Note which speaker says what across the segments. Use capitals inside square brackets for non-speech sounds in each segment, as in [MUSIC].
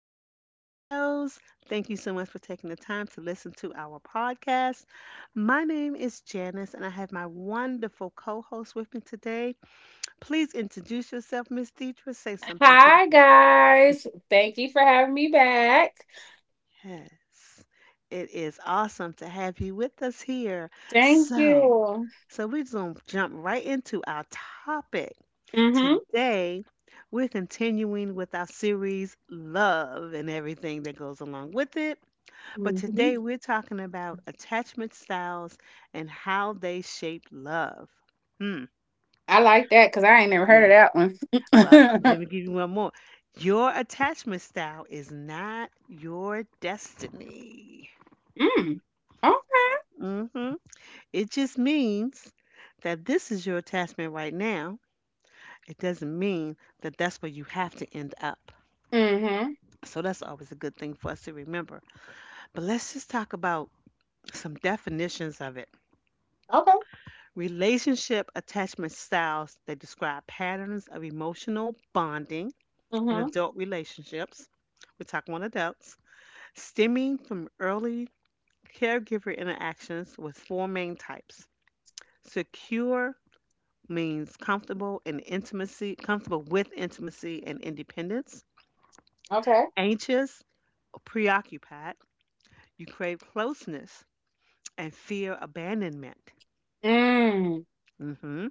Speaker 1: Elon Studios. Thank you so much for taking the time to listen to our podcast. My name is Janice, and I have my wonderful co host with me today. Please introduce yourself, Miss Deidre. Say something to the
Speaker 2: Hi
Speaker 1: people.
Speaker 2: guys. Thank you for having me back.
Speaker 1: Yes, it is awesome to have you with us here.
Speaker 2: Thank
Speaker 1: So,
Speaker 2: you.
Speaker 1: so we're just gonna jump right into our topic.
Speaker 2: Mhm.
Speaker 1: Today, we're continuing with our series Love and everything that goes along with it. But
Speaker 2: Mm-hmm.
Speaker 1: today, we're talking about attachment styles and how they shape love. Hmm.
Speaker 2: I like that cuz I ain't never heard
Speaker 1: Yes.
Speaker 2: of
Speaker 1: Well,
Speaker 2: that
Speaker 1: let
Speaker 2: one.
Speaker 1: me
Speaker 2: [LAUGHS]
Speaker 1: give you one more. Your attachment style is not your destiny.
Speaker 2: Mm. Okay.
Speaker 1: Hmm. It just means that this is your attachment right now. It doesn't mean that that's where you have to end up.
Speaker 2: Mhm.
Speaker 1: So that's always a good thing for us to remember. But let's just talk about some definitions of it.
Speaker 2: Okay.
Speaker 1: Relationship attachment styles, they describe patterns of emotional bonding in
Speaker 2: Mhm.
Speaker 1: adult relationships. We're talking about adults, stemming from early caregiver interactions with four main types. Secure means comfortable and intimacy, comfortable with intimacy and independence.
Speaker 2: Okay.
Speaker 1: Anxious or preoccupied, you crave closeness and fear abandonment.
Speaker 2: Mm.
Speaker 1: Mm-hmm.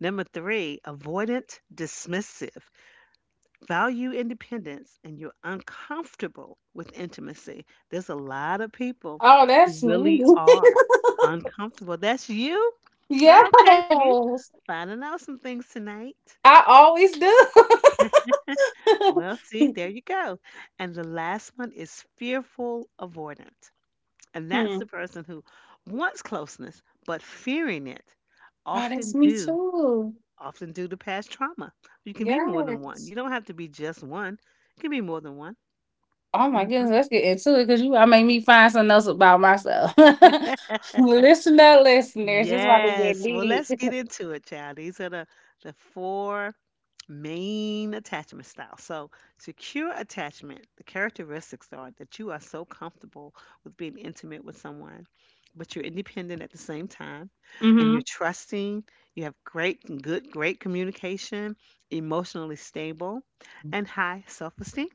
Speaker 1: Number three, avoidant, dismissive. Value independence, and you're uncomfortable with intimacy. There's a lot of people
Speaker 2: Oh,
Speaker 1: who
Speaker 2: that's me.
Speaker 1: really are
Speaker 2: [LAUGHS]
Speaker 1: uncomfortable. That's you? Okay, see?
Speaker 2: Yes.
Speaker 1: Finding out some things tonight.
Speaker 2: I always do.
Speaker 1: Well, see,
Speaker 2: [LAUGHS]
Speaker 1: there you go. And the last one is fearful avoidant. And that's
Speaker 2: Hmm.
Speaker 1: the person who wants closeness, but fearing it
Speaker 2: Oh,
Speaker 1: often
Speaker 2: that's me
Speaker 1: due
Speaker 2: too.
Speaker 1: often due to past trauma. You can be more than one.
Speaker 2: Yes.
Speaker 1: You don't have to be just one. You can be more than one.
Speaker 2: Oh my
Speaker 1: Hmm.
Speaker 2: goodness, let's get into it because you I made me find something else about myself. [LAUGHS]
Speaker 1: [LAUGHS]
Speaker 2: Listen up, listeners. This about to get
Speaker 1: Yes. Well,
Speaker 2: deep.
Speaker 1: let's get
Speaker 2: [LAUGHS]
Speaker 1: into it, child. These are the four main attachment styles. So, secure attachment, the characteristics are that you are so comfortable with being intimate with someone, but you're independent at the same time, and you're
Speaker 2: Mm-hmm.
Speaker 1: trusting, you have great, good, great communication, emotionally stable, and high self esteem.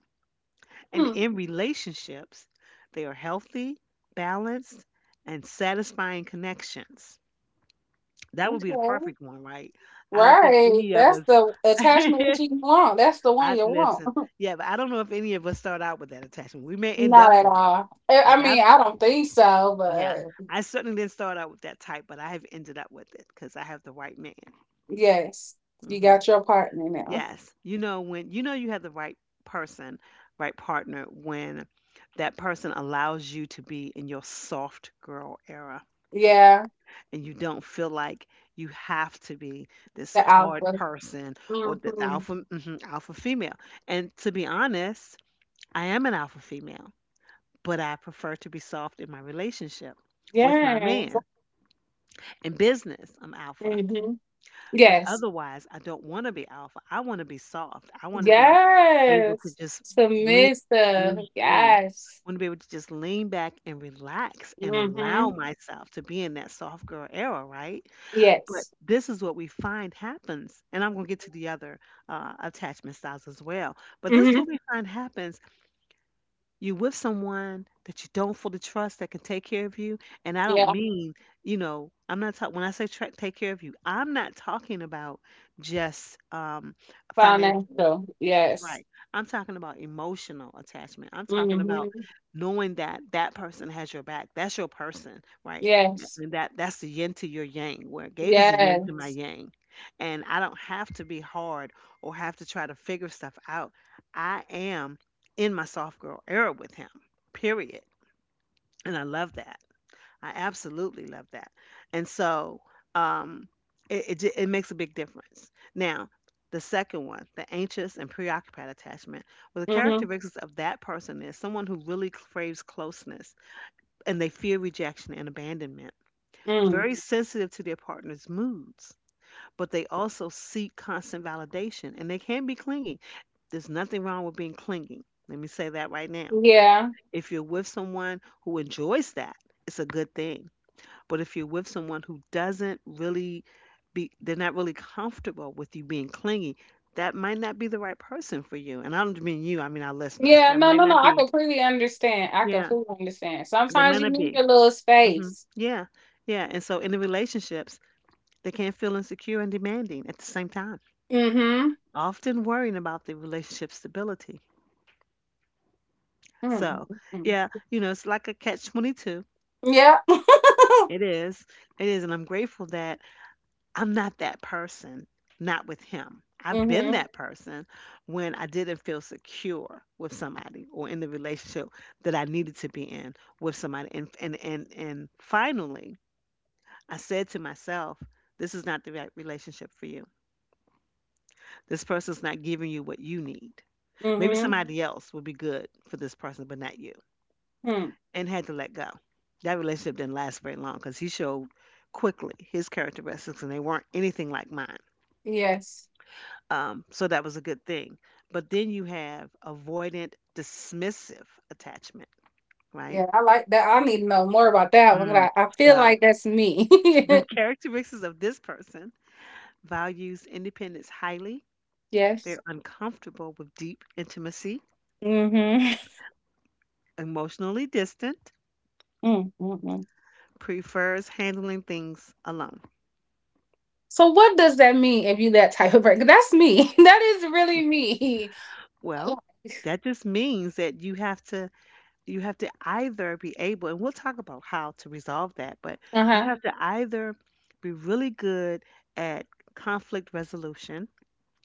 Speaker 1: And
Speaker 2: Hmm,
Speaker 1: in relationships, they are healthy, balanced, and satisfying connections. That would be the
Speaker 2: okay.
Speaker 1: perfect one, right? I don't think
Speaker 2: Right.
Speaker 1: any of
Speaker 2: That's
Speaker 1: us.
Speaker 2: the
Speaker 1: [LAUGHS]
Speaker 2: attachment that
Speaker 1: I
Speaker 2: you want. That's the one you want.
Speaker 1: listen.
Speaker 2: [LAUGHS]
Speaker 1: Yeah, but I don't know if any of us start out with that attachment. We may end
Speaker 2: Not
Speaker 1: up
Speaker 2: at
Speaker 1: with it.
Speaker 2: all. I
Speaker 1: Like
Speaker 2: I
Speaker 1: I've,
Speaker 2: mean, I don't think so,
Speaker 1: yeah,
Speaker 2: but
Speaker 1: I certainly didn't start out with that type, but I have ended up with it because I have the right man.
Speaker 2: yes, you
Speaker 1: Hmm.
Speaker 2: got your partner now.
Speaker 1: Yes. You know when you know you have the right person, right partner when that person allows you to be in your soft girl era
Speaker 2: Yeah,
Speaker 1: and you don't feel like you have to be this
Speaker 2: the
Speaker 1: hard
Speaker 2: alpha.
Speaker 1: person or the, the
Speaker 2: Hmm.
Speaker 1: alpha mhm, alpha female. And to be honest, I am an alpha female, but I prefer to be soft in my relationship with my
Speaker 2: Yes.
Speaker 1: man. In business, I'm alpha.
Speaker 2: Hmm.
Speaker 1: But
Speaker 2: Yes.
Speaker 1: otherwise, I don't want to be alpha. I want to be soft. I want to be able to
Speaker 2: Yes.
Speaker 1: just lean.
Speaker 2: Submissive.
Speaker 1: Mhm.
Speaker 2: Yes.
Speaker 1: Want to be able to just lean back and relax and allow
Speaker 2: Mm-hmm.
Speaker 1: myself to be in that soft girl era, right? But
Speaker 2: Yes.
Speaker 1: this is what we find happens, and I'm going to get to the other attachment styles as well. But this is
Speaker 2: Mm-hmm.
Speaker 1: what we find happens you with someone that you don't fully trust that can take care of you. And I don't
Speaker 2: Yeah.
Speaker 1: mean, I'm not talking, when I say take care of you, I'm not talking about just financially.
Speaker 2: Financial. Yes.
Speaker 1: Right. I'm talking about emotional attachment. I'm talking about
Speaker 2: Mm-hmm.
Speaker 1: knowing that that person has your back. That's your person, right? Yeah.
Speaker 2: Yes.
Speaker 1: And that's the yin to your yang. Where Gabe is the yin to my
Speaker 2: Yes.
Speaker 1: yang. And I don't have to be hard or have to try to figure stuff out. I am in my soft girl era with him. Period. And I love that. I absolutely love that. And so um, it makes a big difference. Now, the second one, the anxious and preoccupied attachment, well, the
Speaker 2: Mm-hmm.
Speaker 1: characteristics of that person is someone who really craves closeness and they fear rejection and abandonment.
Speaker 2: Mm.
Speaker 1: Very sensitive to their partner's moods, but they also seek constant validation and they can be clingy. There's nothing wrong with being clingy. Let me say that right now.
Speaker 2: Yeah.
Speaker 1: If you're with someone who enjoys that, it's a good thing, but if you're with someone who doesn't really be, they're not really comfortable with you being clingy, that might not be the right person for you. And I don't mean you, I mean our listeners.
Speaker 2: Yeah.
Speaker 1: That
Speaker 2: No,
Speaker 1: might
Speaker 2: no, no.
Speaker 1: not
Speaker 2: I
Speaker 1: be,
Speaker 2: completely understand. I
Speaker 1: yeah,
Speaker 2: completely understand.
Speaker 1: that
Speaker 2: Sometimes
Speaker 1: might
Speaker 2: you
Speaker 1: not
Speaker 2: need
Speaker 1: be.
Speaker 2: your little
Speaker 1: Hmm.
Speaker 2: space.
Speaker 1: Yeah, yeah. And so in the relationships, they can feel insecure and demanding at the same time,
Speaker 2: Mm-hmm.
Speaker 1: often worrying about the relationship stability. So,
Speaker 2: Mm-hmm.
Speaker 1: yeah, it's like a catch 22.
Speaker 2: Yeah. [LAUGHS]
Speaker 1: It is. It is. And I'm grateful that I'm not that person, not with him. I've been
Speaker 2: Mm-hmm.
Speaker 1: that person when I didn't feel secure with somebody or in the relationship that I needed to be in with somebody. And finally, I said to myself, this is not the right relationship for you. This person's not giving you what you need. Maybe
Speaker 2: Mm-hmm.
Speaker 1: somebody else would be good for this person, but not you.
Speaker 2: Mm.
Speaker 1: And had to let go. That relationship didn't last very long because he showed quickly his characteristics and they weren't anything like mine.
Speaker 2: Yes.
Speaker 1: So that was a good thing. But then you have avoidant dismissive attachment, right?
Speaker 2: Yeah, I like that. I need to know more about that one
Speaker 1: Mm.
Speaker 2: 'cause I feel
Speaker 1: So
Speaker 2: like that's me.
Speaker 1: the [LAUGHS] characteristics of this person values independence highly.
Speaker 2: [LAUGHS] Yes.
Speaker 1: They're uncomfortable with deep intimacy,
Speaker 2: Mm-hmm.
Speaker 1: emotionally distant,
Speaker 2: Mm-hmm.
Speaker 1: prefers handling things alone.
Speaker 2: So what does that mean if you that type of person? That's me. [LAUGHS] That is really me.
Speaker 1: Well, that just means that you have to either be able, and we'll talk about how to resolve that, but you
Speaker 2: Uh-huh.
Speaker 1: have to either be really good at conflict resolution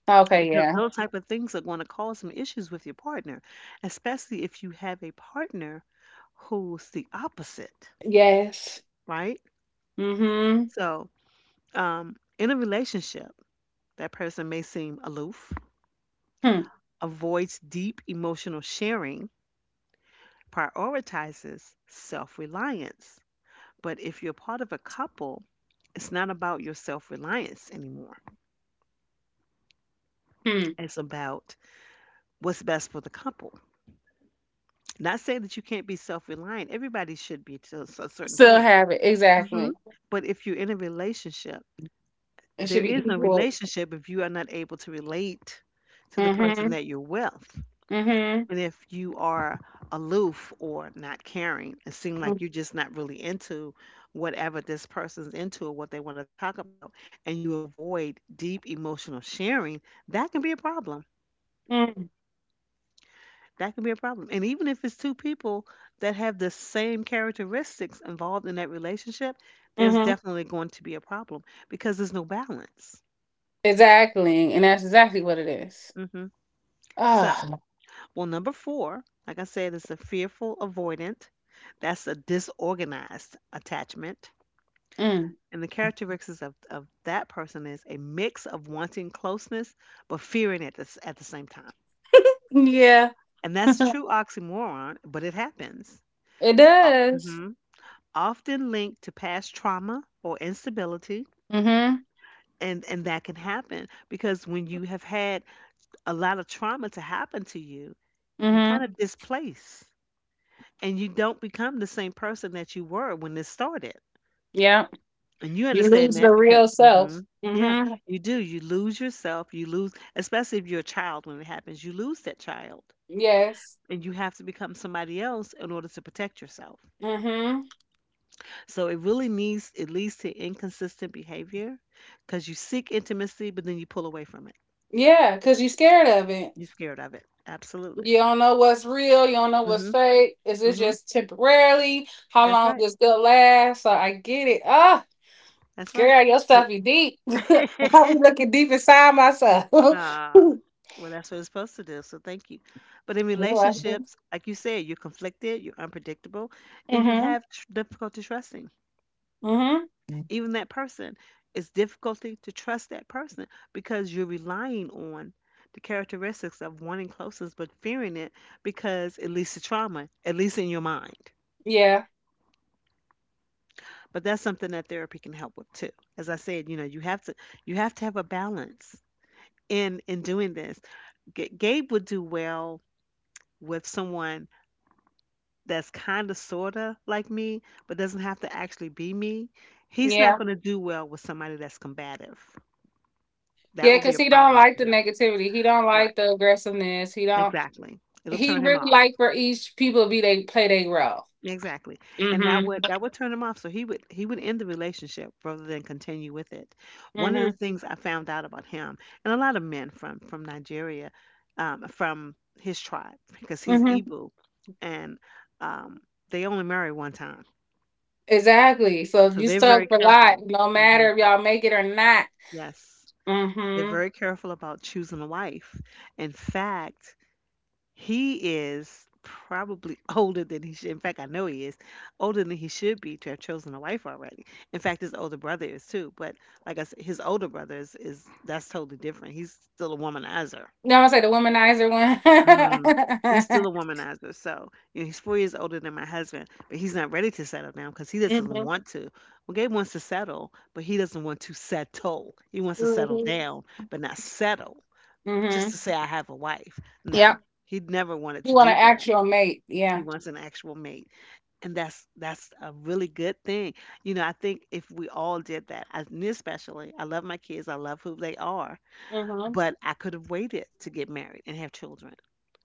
Speaker 2: Okay,
Speaker 1: because
Speaker 2: yeah.
Speaker 1: those type of things are going to cause some issues with your partner, especially if you have a partner who's the opposite,
Speaker 2: Yes.
Speaker 1: right?
Speaker 2: Mm-hmm.
Speaker 1: So, in a relationship, that person may seem aloof,
Speaker 2: Hmm.
Speaker 1: avoids deep emotional sharing, prioritizes self reliance. But if you're part of a couple, it's not about your self reliance anymore.
Speaker 2: Hmm.
Speaker 1: It's about what's best for the couple. Not saying that you can't be self reliant, everybody should be to a certain
Speaker 2: Still
Speaker 1: point.
Speaker 2: have it.
Speaker 1: Hmm.
Speaker 2: Exactly.
Speaker 1: But if you're in a relationship,
Speaker 2: It
Speaker 1: there
Speaker 2: should
Speaker 1: is
Speaker 2: be
Speaker 1: no
Speaker 2: equal.
Speaker 1: relationship if you are not able to relate to the person
Speaker 2: Mm-hmm.
Speaker 1: that you're with.
Speaker 2: Mm-hmm.
Speaker 1: And if you are aloof or not caring, it seems like you're just not really into whatever this person's into or what they want to talk about, and you avoid deep emotional sharing, that can be a problem.
Speaker 2: Mm-hmm.
Speaker 1: That can be a problem. And even if it's two people that have the same characteristics involved in that relationship, there's
Speaker 2: Mm-hmm.
Speaker 1: definitely going to be a problem because there's no balance.
Speaker 2: Exactly. And that's exactly what it is.
Speaker 1: Hmm.
Speaker 2: Ah.
Speaker 1: So, well, number four, like I said, is the fearful avoidant. That's a disorganized attachment.
Speaker 2: Mm.
Speaker 1: And the characteristics of that person is a mix of wanting closeness but fearing it at the same time.
Speaker 2: Yeah.
Speaker 1: And that's a true
Speaker 2: [LAUGHS]
Speaker 1: oxymoron, but it happens.
Speaker 2: It
Speaker 1: Now,
Speaker 2: does.
Speaker 1: often linked to past trauma or instability.
Speaker 2: Mm-hmm.
Speaker 1: And that can happen because when you have had a lot of trauma to happen to you, you
Speaker 2: Mm-hmm.
Speaker 1: kind of displace and you don't become the same person that you were when this started.
Speaker 2: Yeah.
Speaker 1: And you
Speaker 2: You
Speaker 1: understand
Speaker 2: lose the
Speaker 1: that because,
Speaker 2: real self.
Speaker 1: Yeah,
Speaker 2: Mm-hmm.
Speaker 1: you do. You lose yourself. You lose, especially if you're a child when it happens, you lose that child
Speaker 2: Yes.
Speaker 1: and you have to become somebody else in order to protect yourself.
Speaker 2: Mm-hmm.
Speaker 1: So it really needs it leads to inconsistent behavior because you seek intimacy, but then you pull away from it.
Speaker 2: Yeah, because you're scared of it.
Speaker 1: You're scared of it. Absolutely.
Speaker 2: You don't know what's real. You don't know what's
Speaker 1: Mhm.
Speaker 2: fake. Is it
Speaker 1: Mhm.
Speaker 2: just temporarily? How
Speaker 1: That's
Speaker 2: long
Speaker 1: right.
Speaker 2: is this gonna last? So I get it. Ah,
Speaker 1: That's right.
Speaker 2: girl, your stuff
Speaker 1: So,
Speaker 2: be deep. [LAUGHS]
Speaker 1: [LAUGHS]
Speaker 2: I'm looking deep inside myself.
Speaker 1: uh,
Speaker 2: [LAUGHS]
Speaker 1: well, that's what it's supposed to do. So thank you. But in
Speaker 2: Mm-hmm.
Speaker 1: relationships, like you said, you're conflicted, you're unpredictable, and you have difficulty trusting.
Speaker 2: Mm-hmm.
Speaker 1: Even that person, it's difficulty to trust that person because you're relying on the characteristics of wanting closeness but fearing it, because it leads to trauma, at least in your mind.
Speaker 2: Yeah.
Speaker 1: But that's something that therapy can help with too. As I said, you have to have a balance in doing this. Gabe would do well with someone that's kind of sorta like me, but doesn't have to actually be me. He's not
Speaker 2: Yeah.
Speaker 1: going to do well with somebody that's combative. That
Speaker 2: Yeah,
Speaker 1: would be
Speaker 2: because
Speaker 1: a
Speaker 2: he don't
Speaker 1: problem
Speaker 2: like
Speaker 1: for
Speaker 2: the
Speaker 1: him,
Speaker 2: negativity. He don't
Speaker 1: right?
Speaker 2: like the aggressiveness. He don't.
Speaker 1: Exactly. It'll
Speaker 2: He
Speaker 1: turn him
Speaker 2: really
Speaker 1: off.
Speaker 2: like for each people to be they play their role.
Speaker 1: Exactly. And that
Speaker 2: Mm-hmm.
Speaker 1: would that would turn him off. So he would end the relationship rather than continue with it. One of the
Speaker 2: Mm-hmm.
Speaker 1: things I found out about him and a lot of men from Nigeria, from his tribe because he's
Speaker 2: Mm-hmm.
Speaker 1: Igbo, and um, they only marry one time,
Speaker 2: Exactly. So
Speaker 1: so
Speaker 2: you
Speaker 1: they're
Speaker 2: stuck
Speaker 1: very
Speaker 2: for life,
Speaker 1: careful.
Speaker 2: no
Speaker 1: Hmm.
Speaker 2: matter if y'all make it or not.
Speaker 1: Yes, they're
Speaker 2: Mm-hmm.
Speaker 1: very careful about choosing a wife. In fact, he is probably [LAUGHS] older than he should. In fact, I know he is Older than he should be to have chosen a wife already. In fact, his older brother is too. But like I said, his older brother is that's totally different. He's still a womanizer.
Speaker 2: No, I'm gonna say the womanizer one.
Speaker 1: Hmm He's still a womanizer. So you know, he's 4 years older than my husband, but he's not ready to settle down because he
Speaker 2: [LAUGHS]
Speaker 1: doesn't
Speaker 2: Mm-hmm.
Speaker 1: want to. Well, Gabe wants to settle, but he doesn't want to settle. He wants to settle
Speaker 2: Mm-hmm.
Speaker 1: down, but not settle just
Speaker 2: Mm-hmm.
Speaker 1: to say I have a wife. No,
Speaker 2: Yep.
Speaker 1: he never wanted
Speaker 2: You
Speaker 1: to
Speaker 2: want to
Speaker 1: do that.
Speaker 2: act your mate.
Speaker 1: He
Speaker 2: Yeah.
Speaker 1: wants an actual mate. And that's a really good thing. You know, I think if we all did that, I, me especially, I love my kids, I love who they are,
Speaker 2: Mm-hmm.
Speaker 1: but I could have waited to get married and have children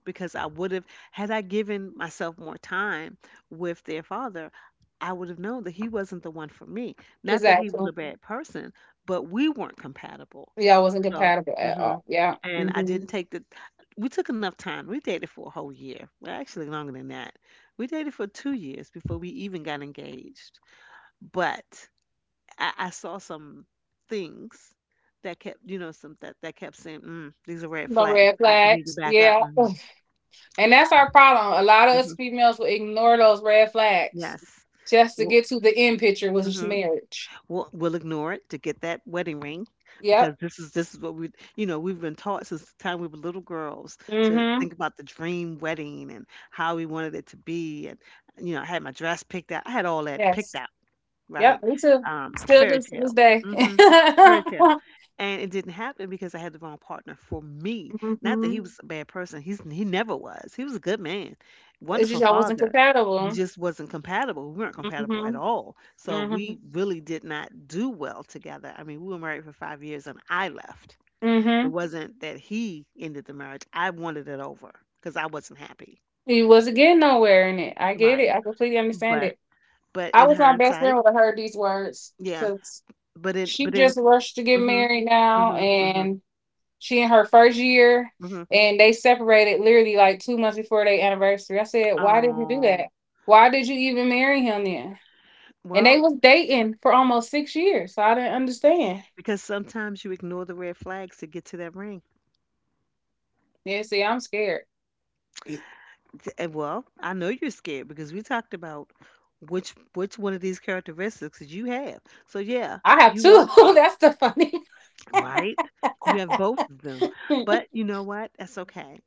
Speaker 1: because I would have had I given myself more time with their father, I would have known that he wasn't the one for me. Not that he was
Speaker 2: Exactly.
Speaker 1: a bad person, but we weren't compatible.
Speaker 2: Y'all wasn't
Speaker 1: So,
Speaker 2: compatible at
Speaker 1: hmm
Speaker 2: all. Yeah.
Speaker 1: and I
Speaker 2: Mm-hmm.
Speaker 1: didn't take the. We took enough time. We dated for a whole year. Well, actually, longer than that. We dated for 2 years before we even got engaged. But I saw some things that kept, you know, some that kept saying, mm, "These are red
Speaker 2: But
Speaker 1: flags.
Speaker 2: red
Speaker 1: I need to
Speaker 2: flags.
Speaker 1: back up."
Speaker 2: Yeah.
Speaker 1: hmm
Speaker 2: [LAUGHS] And that's our problem. A lot of us
Speaker 1: hmm
Speaker 2: females will ignore those red flags
Speaker 1: Yes.
Speaker 2: just to
Speaker 1: Well,
Speaker 2: get to the end picture, which is
Speaker 1: mhm.
Speaker 2: marriage.
Speaker 1: We'll ignore it to get that wedding ring because
Speaker 2: Yep.
Speaker 1: this is what we you know we've been taught since the time we were little girls to
Speaker 2: Mm-hmm.
Speaker 1: think about the dream wedding and how we wanted it to be, and you know, I had my dress picked out, I had all that picked
Speaker 2: Yes.
Speaker 1: out, right.
Speaker 2: Yep, me too. Still
Speaker 1: Fairy
Speaker 2: do to this
Speaker 1: tale.
Speaker 2: day. [LAUGHS]
Speaker 1: Hmm fairy tale. And it didn't happen because I had the wrong partner for me. Not that
Speaker 2: Hmm.
Speaker 1: he was a bad person. He's he never was. He was a good man,
Speaker 2: It's
Speaker 1: wonderful
Speaker 2: just y'all wasn't
Speaker 1: father. He
Speaker 2: compatible.
Speaker 1: just wasn't compatible. We weren't
Speaker 2: Hmm.
Speaker 1: compatible at all. So
Speaker 2: Hmm.
Speaker 1: we really did not do well together. I mean, we were married for 5 years and I left. It
Speaker 2: Hmm.
Speaker 1: wasn't that he ended the marriage. I wanted it over because I wasn't happy.
Speaker 2: You wasn't getting nowhere in it. I get it.
Speaker 1: Right.
Speaker 2: I completely understand
Speaker 1: But
Speaker 2: it.
Speaker 1: but
Speaker 2: I
Speaker 1: in
Speaker 2: was my best friend
Speaker 1: hindsight,
Speaker 2: when I heard these words
Speaker 1: yeah.
Speaker 2: because
Speaker 1: But in
Speaker 2: she
Speaker 1: but in
Speaker 2: just rushed to get
Speaker 1: mhm
Speaker 2: married now,
Speaker 1: mhm mhm
Speaker 2: and she in her first year,
Speaker 1: mhm.
Speaker 2: and they separated literally like 2 months before their anniversary. I said, "Why did you do that?
Speaker 1: Oh.
Speaker 2: Why did you even marry him then?" And
Speaker 1: Well,
Speaker 2: they was dating for almost 6 years, so I didn't understand.
Speaker 1: because sometimes you ignore the red flags to get to that ring.
Speaker 2: Yeah, see, I'm scared.
Speaker 1: Well, I know you're scared because we talked about which one of these characteristics that you have. So yeah,
Speaker 2: I have
Speaker 1: you
Speaker 2: two.
Speaker 1: are
Speaker 2: [LAUGHS]
Speaker 1: scared,
Speaker 2: That's the funny.
Speaker 1: right? You have both of them.
Speaker 2: [LAUGHS]
Speaker 1: But you know what? That's okay.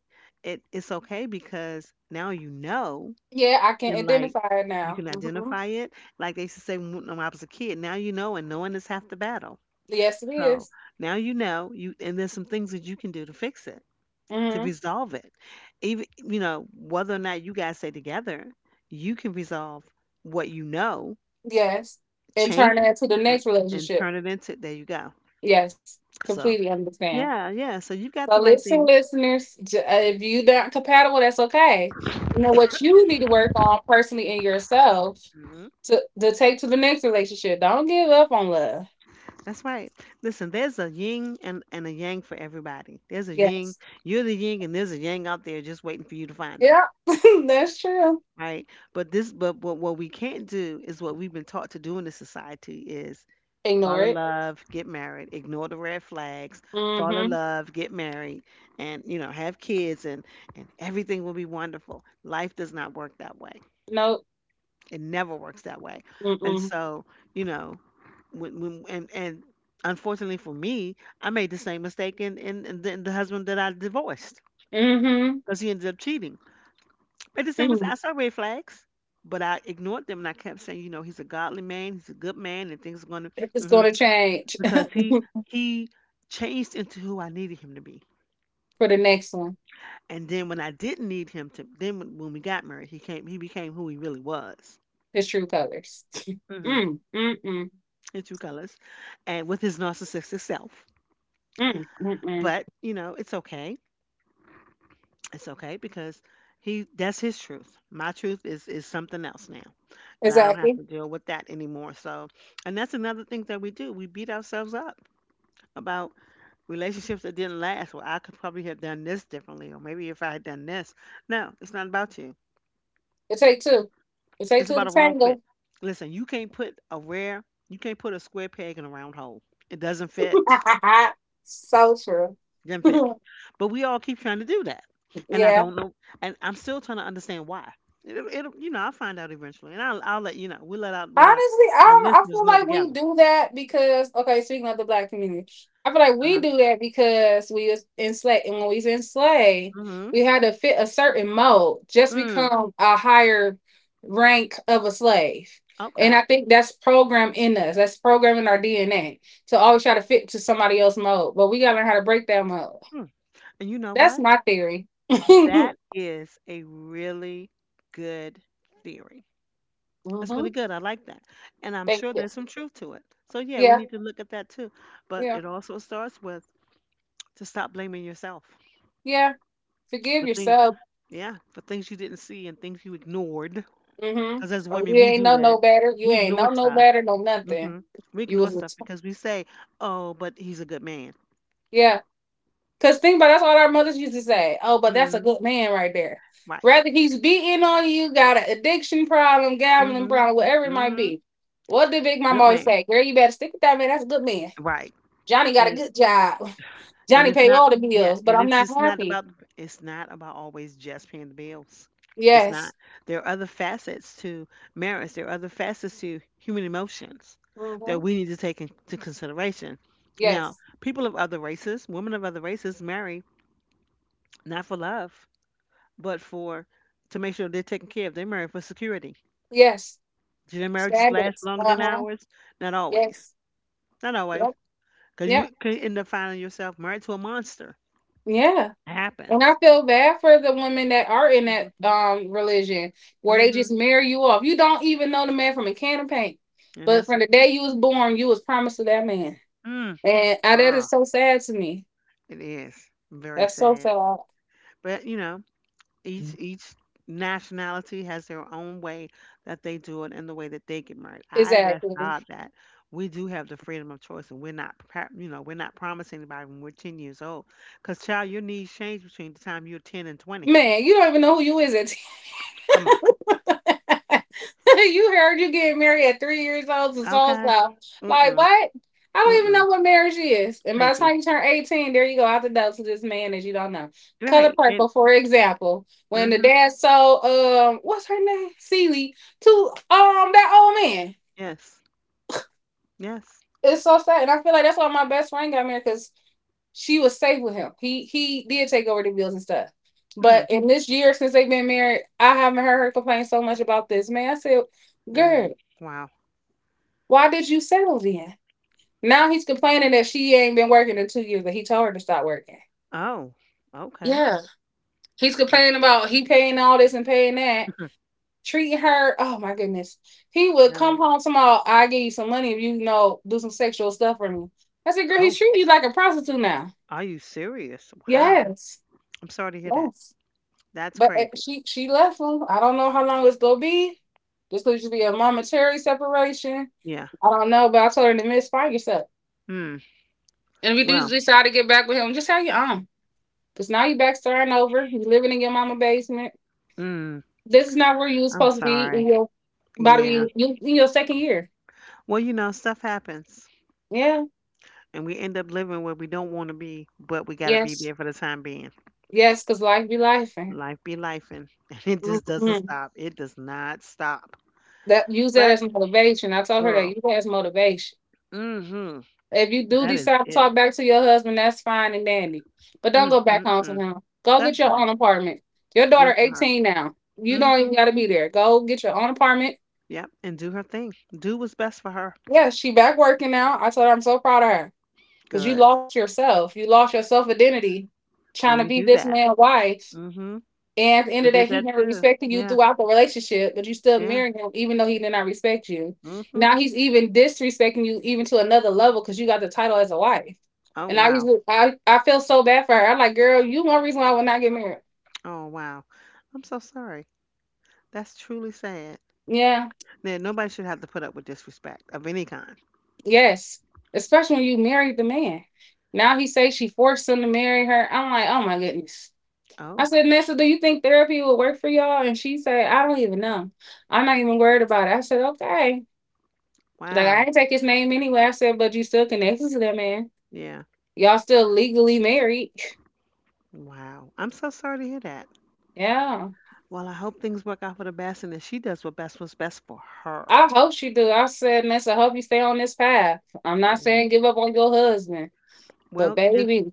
Speaker 1: It's okay because now you know
Speaker 2: Yeah, I can
Speaker 1: and like
Speaker 2: identify it
Speaker 1: you
Speaker 2: now.
Speaker 1: can
Speaker 2: Hmm.
Speaker 1: identify it. Like they used to say when I was a kid, now you know, and knowing is half the battle.
Speaker 2: Yes, it
Speaker 1: So
Speaker 2: is.
Speaker 1: now you know you, and there's some things that you can do to fix it, to
Speaker 2: Mm-hmm.
Speaker 1: resolve it. Even you know whether or not you guys stay together, you can resolve what you know,
Speaker 2: Yes, and turn
Speaker 1: change,
Speaker 2: that to the
Speaker 1: and
Speaker 2: next
Speaker 1: and
Speaker 2: relationship.
Speaker 1: turn it into there you go.
Speaker 2: Yes,
Speaker 1: So
Speaker 2: completely understand.
Speaker 1: yeah, yeah. So you've got
Speaker 2: So
Speaker 1: the right
Speaker 2: listen,
Speaker 1: things.
Speaker 2: listeners, if you're not compatible, that's okay. You know what you need to work on personally in yourself
Speaker 1: Mhm.
Speaker 2: to take to the next relationship. Don't give up on love.
Speaker 1: That's right. Listen, there's a yin and a yang for everybody. There's a yin.
Speaker 2: Yes.
Speaker 1: You're the yin, and there's a yang out there just waiting for you to find them.
Speaker 2: Yep. [LAUGHS] That's true.
Speaker 1: Right. But this, but what we can't do is what we've been taught to do in this society is fall
Speaker 2: Ignore
Speaker 1: in
Speaker 2: it.
Speaker 1: love, get married, ignore the red flags, fall in
Speaker 2: Mm-hmm.
Speaker 1: love, get married, and you know, have kids and everything will be wonderful. Life does not work that way.
Speaker 2: Nope.
Speaker 1: It never works that way. And
Speaker 2: Mm-mm.
Speaker 1: so, you know, when and unfortunately for me, I made the same mistake in the husband that I divorced
Speaker 2: Mm-hmm.
Speaker 1: because he ended up cheating. Made the same as
Speaker 2: Hmm.
Speaker 1: I saw red flags, but I ignored them and I kept saying, you know, he's a godly man, he's a good man, and things are going
Speaker 2: It's going
Speaker 1: to.
Speaker 2: to change
Speaker 1: Because he
Speaker 2: [LAUGHS]
Speaker 1: he changed into who I needed him to be.
Speaker 2: for the next one.
Speaker 1: And then when I didn't need him to, then when we got married, he came. He became who he really was,
Speaker 2: His true colors. [LAUGHS]
Speaker 1: hmm
Speaker 2: Mm, mm, mm,
Speaker 1: in true colors, and with his narcissistic self.
Speaker 2: mm, mm, mm.
Speaker 1: But you know, it's okay. It's okay because he that's his truth. My truth is something else now, and I don't have
Speaker 2: Exactly.
Speaker 1: to deal with that anymore. So, and that's another thing that we do. We beat ourselves up about relationships that didn't last. Well, I could probably have done this differently, or maybe if I had done this. No, it's not about you.
Speaker 2: It take two. It take
Speaker 1: It's
Speaker 2: two
Speaker 1: about
Speaker 2: to
Speaker 1: a wrong
Speaker 2: tango.
Speaker 1: fit. Listen, you can't put a square peg in a round hole. It doesn't fit.
Speaker 2: [LAUGHS] So true.
Speaker 1: Doesn't fit.
Speaker 2: [LAUGHS]
Speaker 1: But we all keep trying to do that, and I
Speaker 2: Yeah.
Speaker 1: don't know, and I'm still trying to understand why. It'll you know, I'll find out eventually, and I'll let you know. We'll let out
Speaker 2: Honestly,
Speaker 1: our
Speaker 2: I don't, I
Speaker 1: listeners
Speaker 2: feel
Speaker 1: know
Speaker 2: like we
Speaker 1: together.
Speaker 2: do that because okay, speaking of the black community, I feel like
Speaker 1: Uh
Speaker 2: we do
Speaker 1: huh.
Speaker 2: that because we was enslaved, and when we was enslaved,
Speaker 1: Mhm.
Speaker 2: we had to fit a certain mold, just
Speaker 1: Mm.
Speaker 2: become a higher rank of a slave,
Speaker 1: Okay.
Speaker 2: and I think that's programmed in us. That's programmed in our DNA to always try to fit to somebody else's mold, but we gotta learn how to break that mold.
Speaker 1: Hmm. And you know
Speaker 2: That's
Speaker 1: what?
Speaker 2: my theory. [LAUGHS] Hmm.
Speaker 1: That is a really good theory. That's really good. I like that. And I'm
Speaker 2: Thank
Speaker 1: sure
Speaker 2: you.
Speaker 1: there's some truth to it. So, yeah, we
Speaker 2: Yeah,
Speaker 1: need to look at that too. But
Speaker 2: yeah,
Speaker 1: it also starts with to stop blaming yourself
Speaker 2: yeah. Forgive
Speaker 1: for things,
Speaker 2: yourself.
Speaker 1: yeah, for things you didn't see and things you ignored.
Speaker 2: Mm-hmm.
Speaker 1: Because as
Speaker 2: Oh,
Speaker 1: women,
Speaker 2: you
Speaker 1: we
Speaker 2: ain't
Speaker 1: do
Speaker 2: know
Speaker 1: that.
Speaker 2: no better. You
Speaker 1: We
Speaker 2: ain't know
Speaker 1: ignore
Speaker 2: no
Speaker 1: stuff.
Speaker 2: better, no nothing.
Speaker 1: Hmm We
Speaker 2: You
Speaker 1: ignore
Speaker 2: was, a
Speaker 1: stuff
Speaker 2: t-,
Speaker 1: because we say, oh, but he's a good man.
Speaker 2: yeah. Cause think about it, that's all our mothers used to say. Oh, but that's a
Speaker 1: Hmm
Speaker 2: good man right there.
Speaker 1: Right.
Speaker 2: Rather he's beating on you, got an addiction problem, gambling
Speaker 1: hmm
Speaker 2: problem, whatever it might
Speaker 1: hmm
Speaker 2: be. What did Big Mama
Speaker 1: Good
Speaker 2: always
Speaker 1: man.
Speaker 2: say? Girl, you better stick with that man. That's a good man.
Speaker 1: Right.
Speaker 2: Johnny got a
Speaker 1: And
Speaker 2: good job. Johnny
Speaker 1: it's
Speaker 2: pay
Speaker 1: not,
Speaker 2: all the
Speaker 1: yeah,
Speaker 2: bills, but
Speaker 1: and
Speaker 2: I'm
Speaker 1: it's
Speaker 2: not
Speaker 1: just not
Speaker 2: happy.
Speaker 1: about, it's not about always just paying the bills, it's not,
Speaker 2: Yes.
Speaker 1: there are other facets to marriage, there are other facets to human emotions that
Speaker 2: Mm-hmm.
Speaker 1: we need to take into consideration. Now
Speaker 2: Yes.
Speaker 1: people of other races, women of other races, marry not for love but for to make sure they're taken care of. They marry for security.
Speaker 2: Yes.
Speaker 1: Do their marriages last
Speaker 2: Standards.
Speaker 1: longer
Speaker 2: Uh
Speaker 1: than
Speaker 2: huh.
Speaker 1: ours? Not always.
Speaker 2: Yes.
Speaker 1: Not always,
Speaker 2: Yep.
Speaker 1: because
Speaker 2: Yep.
Speaker 1: you could end up finding yourself married to a monster.
Speaker 2: Yeah.
Speaker 1: It
Speaker 2: And I
Speaker 1: happens.
Speaker 2: feel bad for the women that are in that religion where they
Speaker 1: Hmm
Speaker 2: just marry you off. You don't even know the man from a can of paint.
Speaker 1: And
Speaker 2: But
Speaker 1: that's the
Speaker 2: from the day
Speaker 1: truth.
Speaker 2: you was born, you was promised to that man.
Speaker 1: Mm,
Speaker 2: That
Speaker 1: girl,
Speaker 2: is so sad to me.
Speaker 1: it is very
Speaker 2: That's so
Speaker 1: sad.
Speaker 2: sad.
Speaker 1: But you know, each nationality has their own way that they do it and the way that they get married. I bless
Speaker 2: Exactly.
Speaker 1: God that we do have the freedom of choice, and we're not, you know, we're not promising anybody when we're 10 years old. Cause child, your needs change between the time you're 10 and 20.
Speaker 2: Man, you don't even know who you is
Speaker 1: Come on,
Speaker 2: at. [LAUGHS] [LAUGHS] You heard you getting married at 3 years old to so
Speaker 1: okay.
Speaker 2: so. Like
Speaker 1: Mm-mm,
Speaker 2: what? I don't even know
Speaker 1: mm-mm.
Speaker 2: what marriage is. And by
Speaker 1: Thank
Speaker 2: the
Speaker 1: you.
Speaker 2: time you turn 18, there you go out the door to this man that you don't know. Color
Speaker 1: Right.
Speaker 2: purple,
Speaker 1: And
Speaker 2: for example. When the
Speaker 1: mm-hmm.
Speaker 2: dad sold what's her name? Celie to that old man.
Speaker 1: Yes. Yes.
Speaker 2: It's so sad. And I feel like that's why my best friend got married because she was safe with him. He did take over the bills and stuff. But
Speaker 1: Mm.
Speaker 2: in this year since they've been married, I haven't heard her complain so much about this man. I said, "Girl,
Speaker 1: Mm. Wow.
Speaker 2: why did you settle then?" Now he's complaining that she ain't been working in 2 years, but he told her to stop working.
Speaker 1: Oh. Okay.
Speaker 2: Yeah. He's
Speaker 1: Well.
Speaker 2: complaining about he paying all this and paying that,
Speaker 1: Hmm,
Speaker 2: treating her. Oh my goodness. He would come
Speaker 1: really?
Speaker 2: home tomorrow. "I give you some money if you, you know do some sexual stuff for me." I said, "Girl, he's
Speaker 1: Oh,
Speaker 2: treating you like a prostitute now."
Speaker 1: are you serious? Wow.
Speaker 2: Yes.
Speaker 1: I'm sorry to hear that.
Speaker 2: Yes.
Speaker 1: That's
Speaker 2: But
Speaker 1: crazy.
Speaker 2: she left him. I don't know how long it's gonna be. This could just be a momentary separation.
Speaker 1: Yeah.
Speaker 2: I don't know, but I told her to miss find yourself.
Speaker 1: Mm.
Speaker 2: And if you do
Speaker 1: Well,
Speaker 2: decide to get back with him, just have your own. Because now you're back starting over. You're living in your mama basement.
Speaker 1: mm,
Speaker 2: This is not where you was
Speaker 1: I'm
Speaker 2: supposed to be in
Speaker 1: sorry.
Speaker 2: your about to
Speaker 1: Yeah.
Speaker 2: be you in your second year.
Speaker 1: Well, you know, stuff happens
Speaker 2: Yeah.
Speaker 1: and we end up living where we don't want to be, but we got to be
Speaker 2: Yes.
Speaker 1: there for the time being.
Speaker 2: Yes, because life be life. And.
Speaker 1: Life be life and [LAUGHS] it just doesn't
Speaker 2: Mhm.
Speaker 1: stop. It does not stop.
Speaker 2: That use that
Speaker 1: But,
Speaker 2: as motivation. I told her that
Speaker 1: girl,
Speaker 2: use that as motivation.
Speaker 1: mm-hmm,
Speaker 2: If you do
Speaker 1: that is
Speaker 2: decide to
Speaker 1: it.
Speaker 2: talk back to your husband, that's fine and dandy. But don't go back home to
Speaker 1: Mm-mm-mm.
Speaker 2: him. Go get
Speaker 1: That's
Speaker 2: your own
Speaker 1: right.
Speaker 2: apartment. Your
Speaker 1: Good
Speaker 2: daughter
Speaker 1: for her.
Speaker 2: 18 now. You don't
Speaker 1: Mm-hmm.
Speaker 2: even gotta be there. Go get your own apartment.
Speaker 1: Yep. And do her thing. Do what's best for her.
Speaker 2: Yeah, she back working now. I told her I'm so proud of her. Because you
Speaker 1: Good.
Speaker 2: lost yourself. You lost your self identity trying
Speaker 1: And
Speaker 2: to
Speaker 1: we
Speaker 2: be
Speaker 1: do
Speaker 2: this
Speaker 1: that.
Speaker 2: man's wife.
Speaker 1: Mhm.
Speaker 2: And at the end
Speaker 1: I
Speaker 2: of
Speaker 1: did
Speaker 2: that, he
Speaker 1: that
Speaker 2: never
Speaker 1: too.
Speaker 2: respected you
Speaker 1: Yeah,
Speaker 2: throughout the relationship, but you still
Speaker 1: yeah.
Speaker 2: married him even though he did not respect you.
Speaker 1: Mhm.
Speaker 2: Now he's even disrespecting you even to another level because you got the title as a wife.
Speaker 1: Oh
Speaker 2: And I used
Speaker 1: wow.
Speaker 2: to, I feel so bad for her. I'm like, "Girl, you one reason why I would not get married."
Speaker 1: Oh wow. I'm so sorry. That's truly sad.
Speaker 2: Yeah.
Speaker 1: Now, nobody should have to put up with disrespect of any kind.
Speaker 2: Yes. Especially when you married the man. Now he says she forced him to marry her. I'm like, "Oh my goodness." I
Speaker 1: Oh,
Speaker 2: said, "Nessa, do you think therapy will work for y'all?" And she said, "I don't even know. I'm not even worried about it." I said, "Okay." She's like, "I
Speaker 1: wow.
Speaker 2: didn't take his name anyway." I said, "But you still connected to that man.
Speaker 1: Yeah.
Speaker 2: Y'all still legally married." [LAUGHS]
Speaker 1: Wow. I'm so sorry to hear that.
Speaker 2: Yeah.
Speaker 1: Well, I hope things work out for the best and that she does what best was best for her.
Speaker 2: I hope she do. I said, "Nessa, I hope you stay on this path. I'm not
Speaker 1: Yeah.
Speaker 2: saying give up on your husband, but
Speaker 1: Well,
Speaker 2: baby."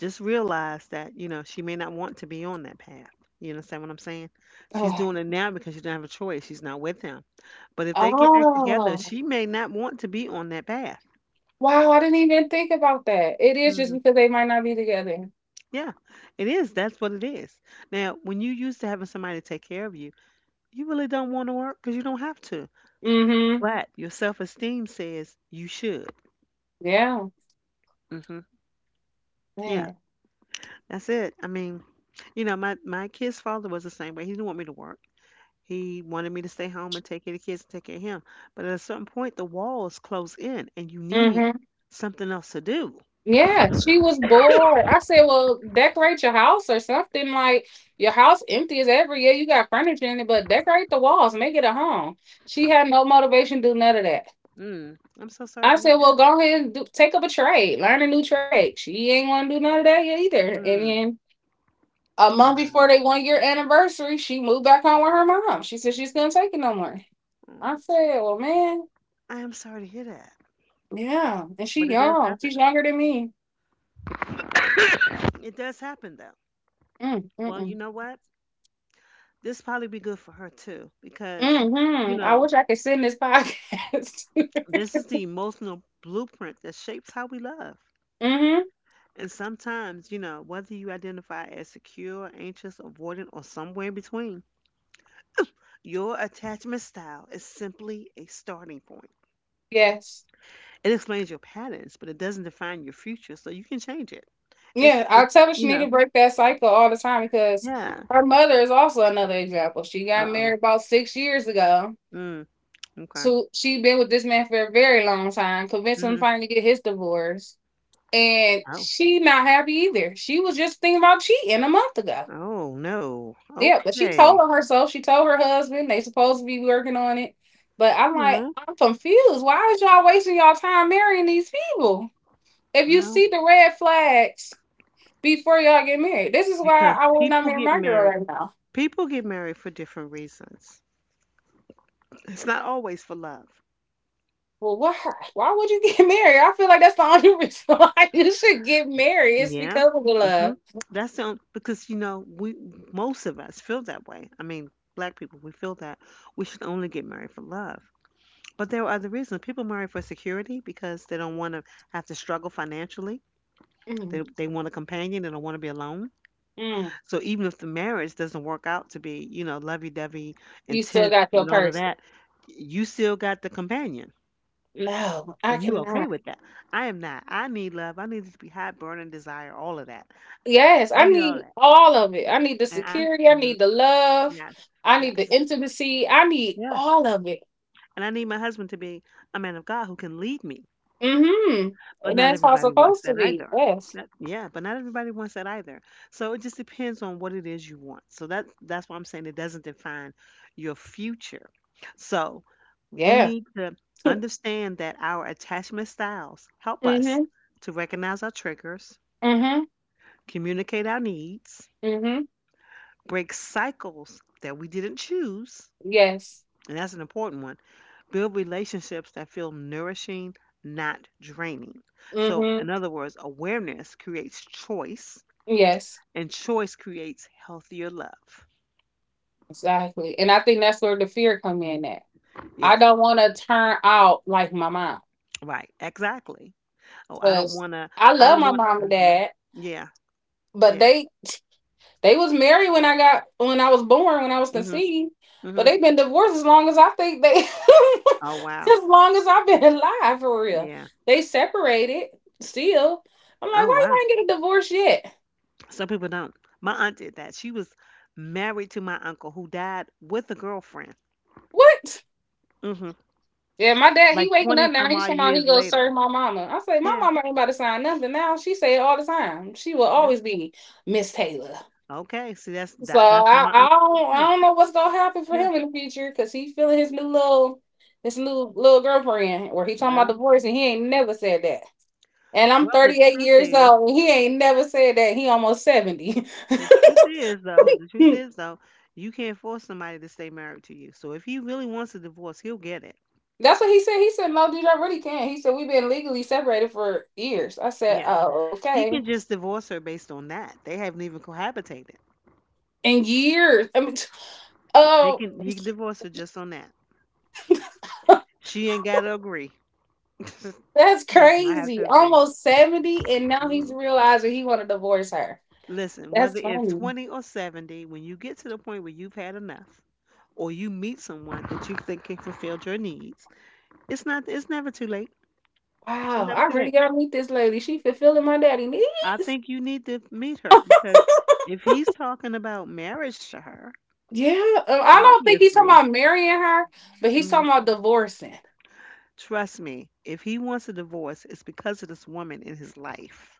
Speaker 1: just realize that, you know, she may not want to be on that path. You understand what I'm saying? She's
Speaker 2: Oh,
Speaker 1: doing it now because she doesn't have a choice. She's not with him. But if they get back together,
Speaker 2: oh,
Speaker 1: she may not want to be on that path.
Speaker 2: wow. I didn't even think about that. It is just
Speaker 1: Mhm.
Speaker 2: because they might not be together.
Speaker 1: Yeah, it is. That's what it is. Now, when you used to having somebody to take care of you, you really don't want to work because you don't have to.
Speaker 2: Mm-hmm.
Speaker 1: But your self esteem says you should.
Speaker 2: Yeah.
Speaker 1: Hmm Yeah,
Speaker 2: Man.
Speaker 1: that's it. I mean, you know, my kid's father was the same way. He didn't want me to work. He wanted me to stay home and take care of the kids and take care of him. But at a certain point, the walls close in, and you need
Speaker 2: Mm-hmm.
Speaker 1: something else to do.
Speaker 2: Yeah, she was bored. I said, "Well, decorate your house or something. Like your house empty as ever. Yeah, you got furniture in it, but decorate the walls, make it a home." She had no motivation to do none of that.
Speaker 1: Mm. I'm so sorry
Speaker 2: I
Speaker 1: to hear
Speaker 2: said, "Well,
Speaker 1: that.
Speaker 2: go ahead and take up a trade, learn a new trade." She ain't want to do none of that yet either. And
Speaker 1: Mm.
Speaker 2: then a month before
Speaker 1: Wow.
Speaker 2: they one year anniversary, she moved back home with her mom. She said she's gonna take it no more. I
Speaker 1: Mm,
Speaker 2: said, "Well, man,
Speaker 1: I am sorry to hear that,
Speaker 2: yeah." And
Speaker 1: but
Speaker 2: she
Speaker 1: it does
Speaker 2: young.
Speaker 1: happen.
Speaker 2: She's younger than me.
Speaker 1: It does happen though.
Speaker 2: Mm,
Speaker 1: Well, you
Speaker 2: mm-mm.
Speaker 1: know what? This probably be good for her too because, you
Speaker 2: Mhm. I
Speaker 1: know,
Speaker 2: wish I could sit in this podcast. [LAUGHS]
Speaker 1: this is the emotional blueprint that shapes how we love.
Speaker 2: Mhm.
Speaker 1: And sometimes, you know, whether you identify as secure, anxious, avoidant, or somewhere in between, your attachment style is simply a starting point.
Speaker 2: Yes.
Speaker 1: It explains your patterns, but it doesn't define your future, so you can change it. It's,
Speaker 2: Yeah, I
Speaker 1: it's
Speaker 2: tell her she
Speaker 1: you
Speaker 2: need
Speaker 1: know,
Speaker 2: to break that cycle all the time because
Speaker 1: yeah.
Speaker 2: her mother is also another example. She
Speaker 1: Uh
Speaker 2: got
Speaker 1: oh.
Speaker 2: married about 6 years ago.
Speaker 1: Mm, okay.
Speaker 2: So she been with this man for a very long time, convinced him
Speaker 1: Mm-hmm.
Speaker 2: finally to get his divorce. And
Speaker 1: Oh.
Speaker 2: she not happy either. She was just thinking about cheating a month ago.
Speaker 1: Oh, no.
Speaker 2: Yeah, but she told
Speaker 1: Okay.
Speaker 2: on herself. She told her husband they supposed to be working on it. But I'm like,
Speaker 1: Well,
Speaker 2: I'm confused. Why is y'all wasting y'all time marrying these people? If you
Speaker 1: well,
Speaker 2: see the red flags before y'all get married, this is why
Speaker 1: because
Speaker 2: I will not marry my girl right now.
Speaker 1: people get married for different reasons. It's not always for love.
Speaker 2: Well, why? Why would you get [LAUGHS] married? I feel like that's the only reason [LAUGHS] why you should get married. It's
Speaker 1: Yeah.
Speaker 2: because of the love.
Speaker 1: Hmm. Because we most of us feel that way. I mean, black people, we feel that we should only get married for love. But there are other reasons. People marry for security because they don't want to have to struggle financially. They
Speaker 2: Mm,
Speaker 1: they want a companion. They don't want to be alone.
Speaker 2: mm.
Speaker 1: So even if the marriage doesn't work out to be, lovey-dovey,
Speaker 2: You still
Speaker 1: intense
Speaker 2: got your
Speaker 1: and all of
Speaker 2: person.
Speaker 1: that, you still got the companion
Speaker 2: No, I
Speaker 1: and you okay
Speaker 2: cannot.
Speaker 1: with that. I am not. I need love. I need it to be hot, burning desire, all of that.
Speaker 2: Yes, I
Speaker 1: I need all
Speaker 2: need
Speaker 1: that.
Speaker 2: all of it. I need
Speaker 1: And
Speaker 2: the
Speaker 1: I,
Speaker 2: security. I
Speaker 1: mm-hmm,
Speaker 2: need the
Speaker 1: yes,
Speaker 2: love. I need
Speaker 1: yes,
Speaker 2: the intimacy. I need
Speaker 1: yeah.
Speaker 2: all of it.
Speaker 1: And I need my husband to be a man of God who can lead me.
Speaker 2: Mm-hmm.
Speaker 1: But
Speaker 2: And
Speaker 1: not
Speaker 2: that's how it's
Speaker 1: everybody wants
Speaker 2: supposed
Speaker 1: that
Speaker 2: to be.
Speaker 1: either.
Speaker 2: Yes.
Speaker 1: That, yeah, but not everybody wants that either. So it just depends on what it is you want. So that's why I'm saying it doesn't define your future. So we
Speaker 2: Yeah.
Speaker 1: need to understand that our attachment styles help us
Speaker 2: Mm-hmm.
Speaker 1: to recognize our triggers,
Speaker 2: Mm-hmm.
Speaker 1: communicate our needs,
Speaker 2: Mm-hmm.
Speaker 1: break cycles that we didn't choose,
Speaker 2: Yes.
Speaker 1: and that's an important one. Build relationships that feel nourishing, not draining. So,
Speaker 2: Mm-hmm.
Speaker 1: in other words, awareness creates choice,
Speaker 2: Yes,
Speaker 1: and choice creates healthier love.
Speaker 2: exactly. And I think that's where the fear come in at. I
Speaker 1: Yeah,
Speaker 2: don't want to turn out like my mom
Speaker 1: right. Exactly. Oh, I don't
Speaker 2: because
Speaker 1: want to,
Speaker 2: I
Speaker 1: I
Speaker 2: love
Speaker 1: don't
Speaker 2: my
Speaker 1: want,
Speaker 2: mom and
Speaker 1: hmm,
Speaker 2: dad,
Speaker 1: yeah,
Speaker 2: but
Speaker 1: yeah,
Speaker 2: they was married when I was born, when I was
Speaker 1: hmm,
Speaker 2: conceived, but
Speaker 1: hmm.
Speaker 2: they've been divorced as long as I think they, [LAUGHS]
Speaker 1: Oh, wow.
Speaker 2: as long as I've been alive for real.
Speaker 1: Yeah.
Speaker 2: They separated still. I'm like,
Speaker 1: Oh,
Speaker 2: why you
Speaker 1: wow.
Speaker 2: ain't get a divorce yet?
Speaker 1: Some people don't. My aunt did that. She was married to my uncle who died with a girlfriend,
Speaker 2: What?
Speaker 1: hmm,
Speaker 2: Yeah, my dad, he
Speaker 1: like
Speaker 2: waking
Speaker 1: 20
Speaker 2: up now.
Speaker 1: some
Speaker 2: He's
Speaker 1: odd
Speaker 2: talking about he
Speaker 1: years
Speaker 2: go serve
Speaker 1: later.
Speaker 2: my mama. I say, my
Speaker 1: Yeah,
Speaker 2: mama ain't about to sign nothing now. She say it all the time. She will
Speaker 1: yeah.
Speaker 2: always be Miss Taylor.
Speaker 1: Okay, see
Speaker 2: So
Speaker 1: that's how
Speaker 2: I,
Speaker 1: my
Speaker 2: I
Speaker 1: aunt felt
Speaker 2: don't, I
Speaker 1: too.
Speaker 2: don't know what's gonna happen for
Speaker 1: Yeah.
Speaker 2: him in the future because he feeling his new little, his new little girlfriend, where he talking about
Speaker 1: Well,
Speaker 2: divorce and he ain't never said that. And I'm
Speaker 1: well, the
Speaker 2: 38
Speaker 1: truth [LAUGHS]
Speaker 2: years
Speaker 1: is,
Speaker 2: old and he ain't never said that. He almost 70.
Speaker 1: the truth is
Speaker 2: [LAUGHS]
Speaker 1: though, you can't force somebody to stay married to you. So if he really wants a divorce, he'll get it.
Speaker 2: That's what he said. He said, "No, dude, I really can't." He said, "We've been legally separated for years." I said,
Speaker 1: Yeah.
Speaker 2: "Oh,
Speaker 1: He
Speaker 2: okay.
Speaker 1: can just divorce her based on that. They haven't even cohabitated.
Speaker 2: In years." I mean,
Speaker 1: They
Speaker 2: oh,
Speaker 1: can he can divorce her just on that. She ain't got to agree. [LAUGHS]
Speaker 2: that's
Speaker 1: She does not have
Speaker 2: crazy.
Speaker 1: to agree.
Speaker 2: Almost 70 and now he's
Speaker 1: Mhm.
Speaker 2: realizing he want to divorce her.
Speaker 1: Listen,
Speaker 2: That's
Speaker 1: whether it's
Speaker 2: funny.
Speaker 1: 20 or 70, when you get to the point where you've had enough, or you meet someone that you think can fulfill your needs, It's not. It's never too late. It's
Speaker 2: Wow,
Speaker 1: never
Speaker 2: I
Speaker 1: too
Speaker 2: really
Speaker 1: late.
Speaker 2: gotta meet this lady. She fulfilling my daddy need.
Speaker 1: I think you need to meet her because if he's talking about marriage to her,
Speaker 2: Yeah, I don't think he's talking
Speaker 1: obviously,
Speaker 2: about marrying her, but he's
Speaker 1: mhm,
Speaker 2: talking about divorcing.
Speaker 1: trust me, if he wants a divorce, it's because of this woman in his life.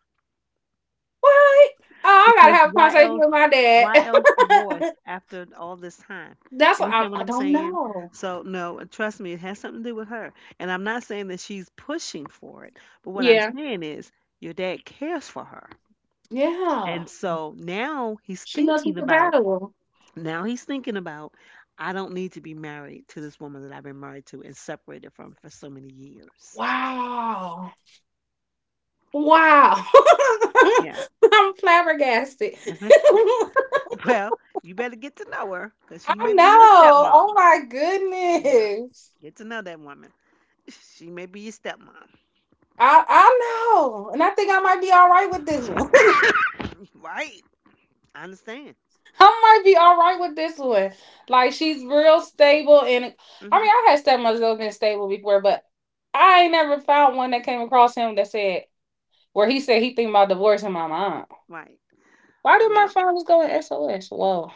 Speaker 2: What? Oh, I gotta
Speaker 1: Because
Speaker 2: have a
Speaker 1: why
Speaker 2: conversation
Speaker 1: else?
Speaker 2: with my
Speaker 1: Why else divorce
Speaker 2: dad. [LAUGHS]
Speaker 1: after all this time?
Speaker 2: That's
Speaker 1: You
Speaker 2: what I,
Speaker 1: understand what
Speaker 2: I
Speaker 1: I'm
Speaker 2: don't
Speaker 1: saying?
Speaker 2: know.
Speaker 1: So no, and trust me, it has something to do with her. And I'm not saying that she's pushing for it, but what I'm
Speaker 2: Yeah.
Speaker 1: saying is your dad cares for her.
Speaker 2: Yeah.
Speaker 1: And so
Speaker 2: She must be compatible.
Speaker 1: now he's thinking about, I don't need to be married to this woman that I've been married to and separated from for so many years.
Speaker 2: Wow. Wow.
Speaker 1: Yeah.
Speaker 2: [LAUGHS] I'm flabbergasted.
Speaker 1: Mhm.
Speaker 2: [LAUGHS]
Speaker 1: [LAUGHS] Well, you better get to know her because she
Speaker 2: I
Speaker 1: may be your
Speaker 2: know. Oh
Speaker 1: stepmom.
Speaker 2: my
Speaker 1: Yeah.
Speaker 2: goodness.
Speaker 1: Get to know that woman. [LAUGHS] She may be your stepmom.
Speaker 2: I know. And I think I might be all right with this one. [LAUGHS]
Speaker 1: [LAUGHS] Right. I understand.
Speaker 2: I might be all right with this one. Like she's real stable, and I
Speaker 1: Hmm.
Speaker 2: mean I had stepmothers that have been stable before, but I ain't never found one that came across him that said, where he said he think about divorcing my mom.
Speaker 1: Right.
Speaker 2: Why did my
Speaker 1: Yeah.
Speaker 2: phone just go in SOS? Whoa.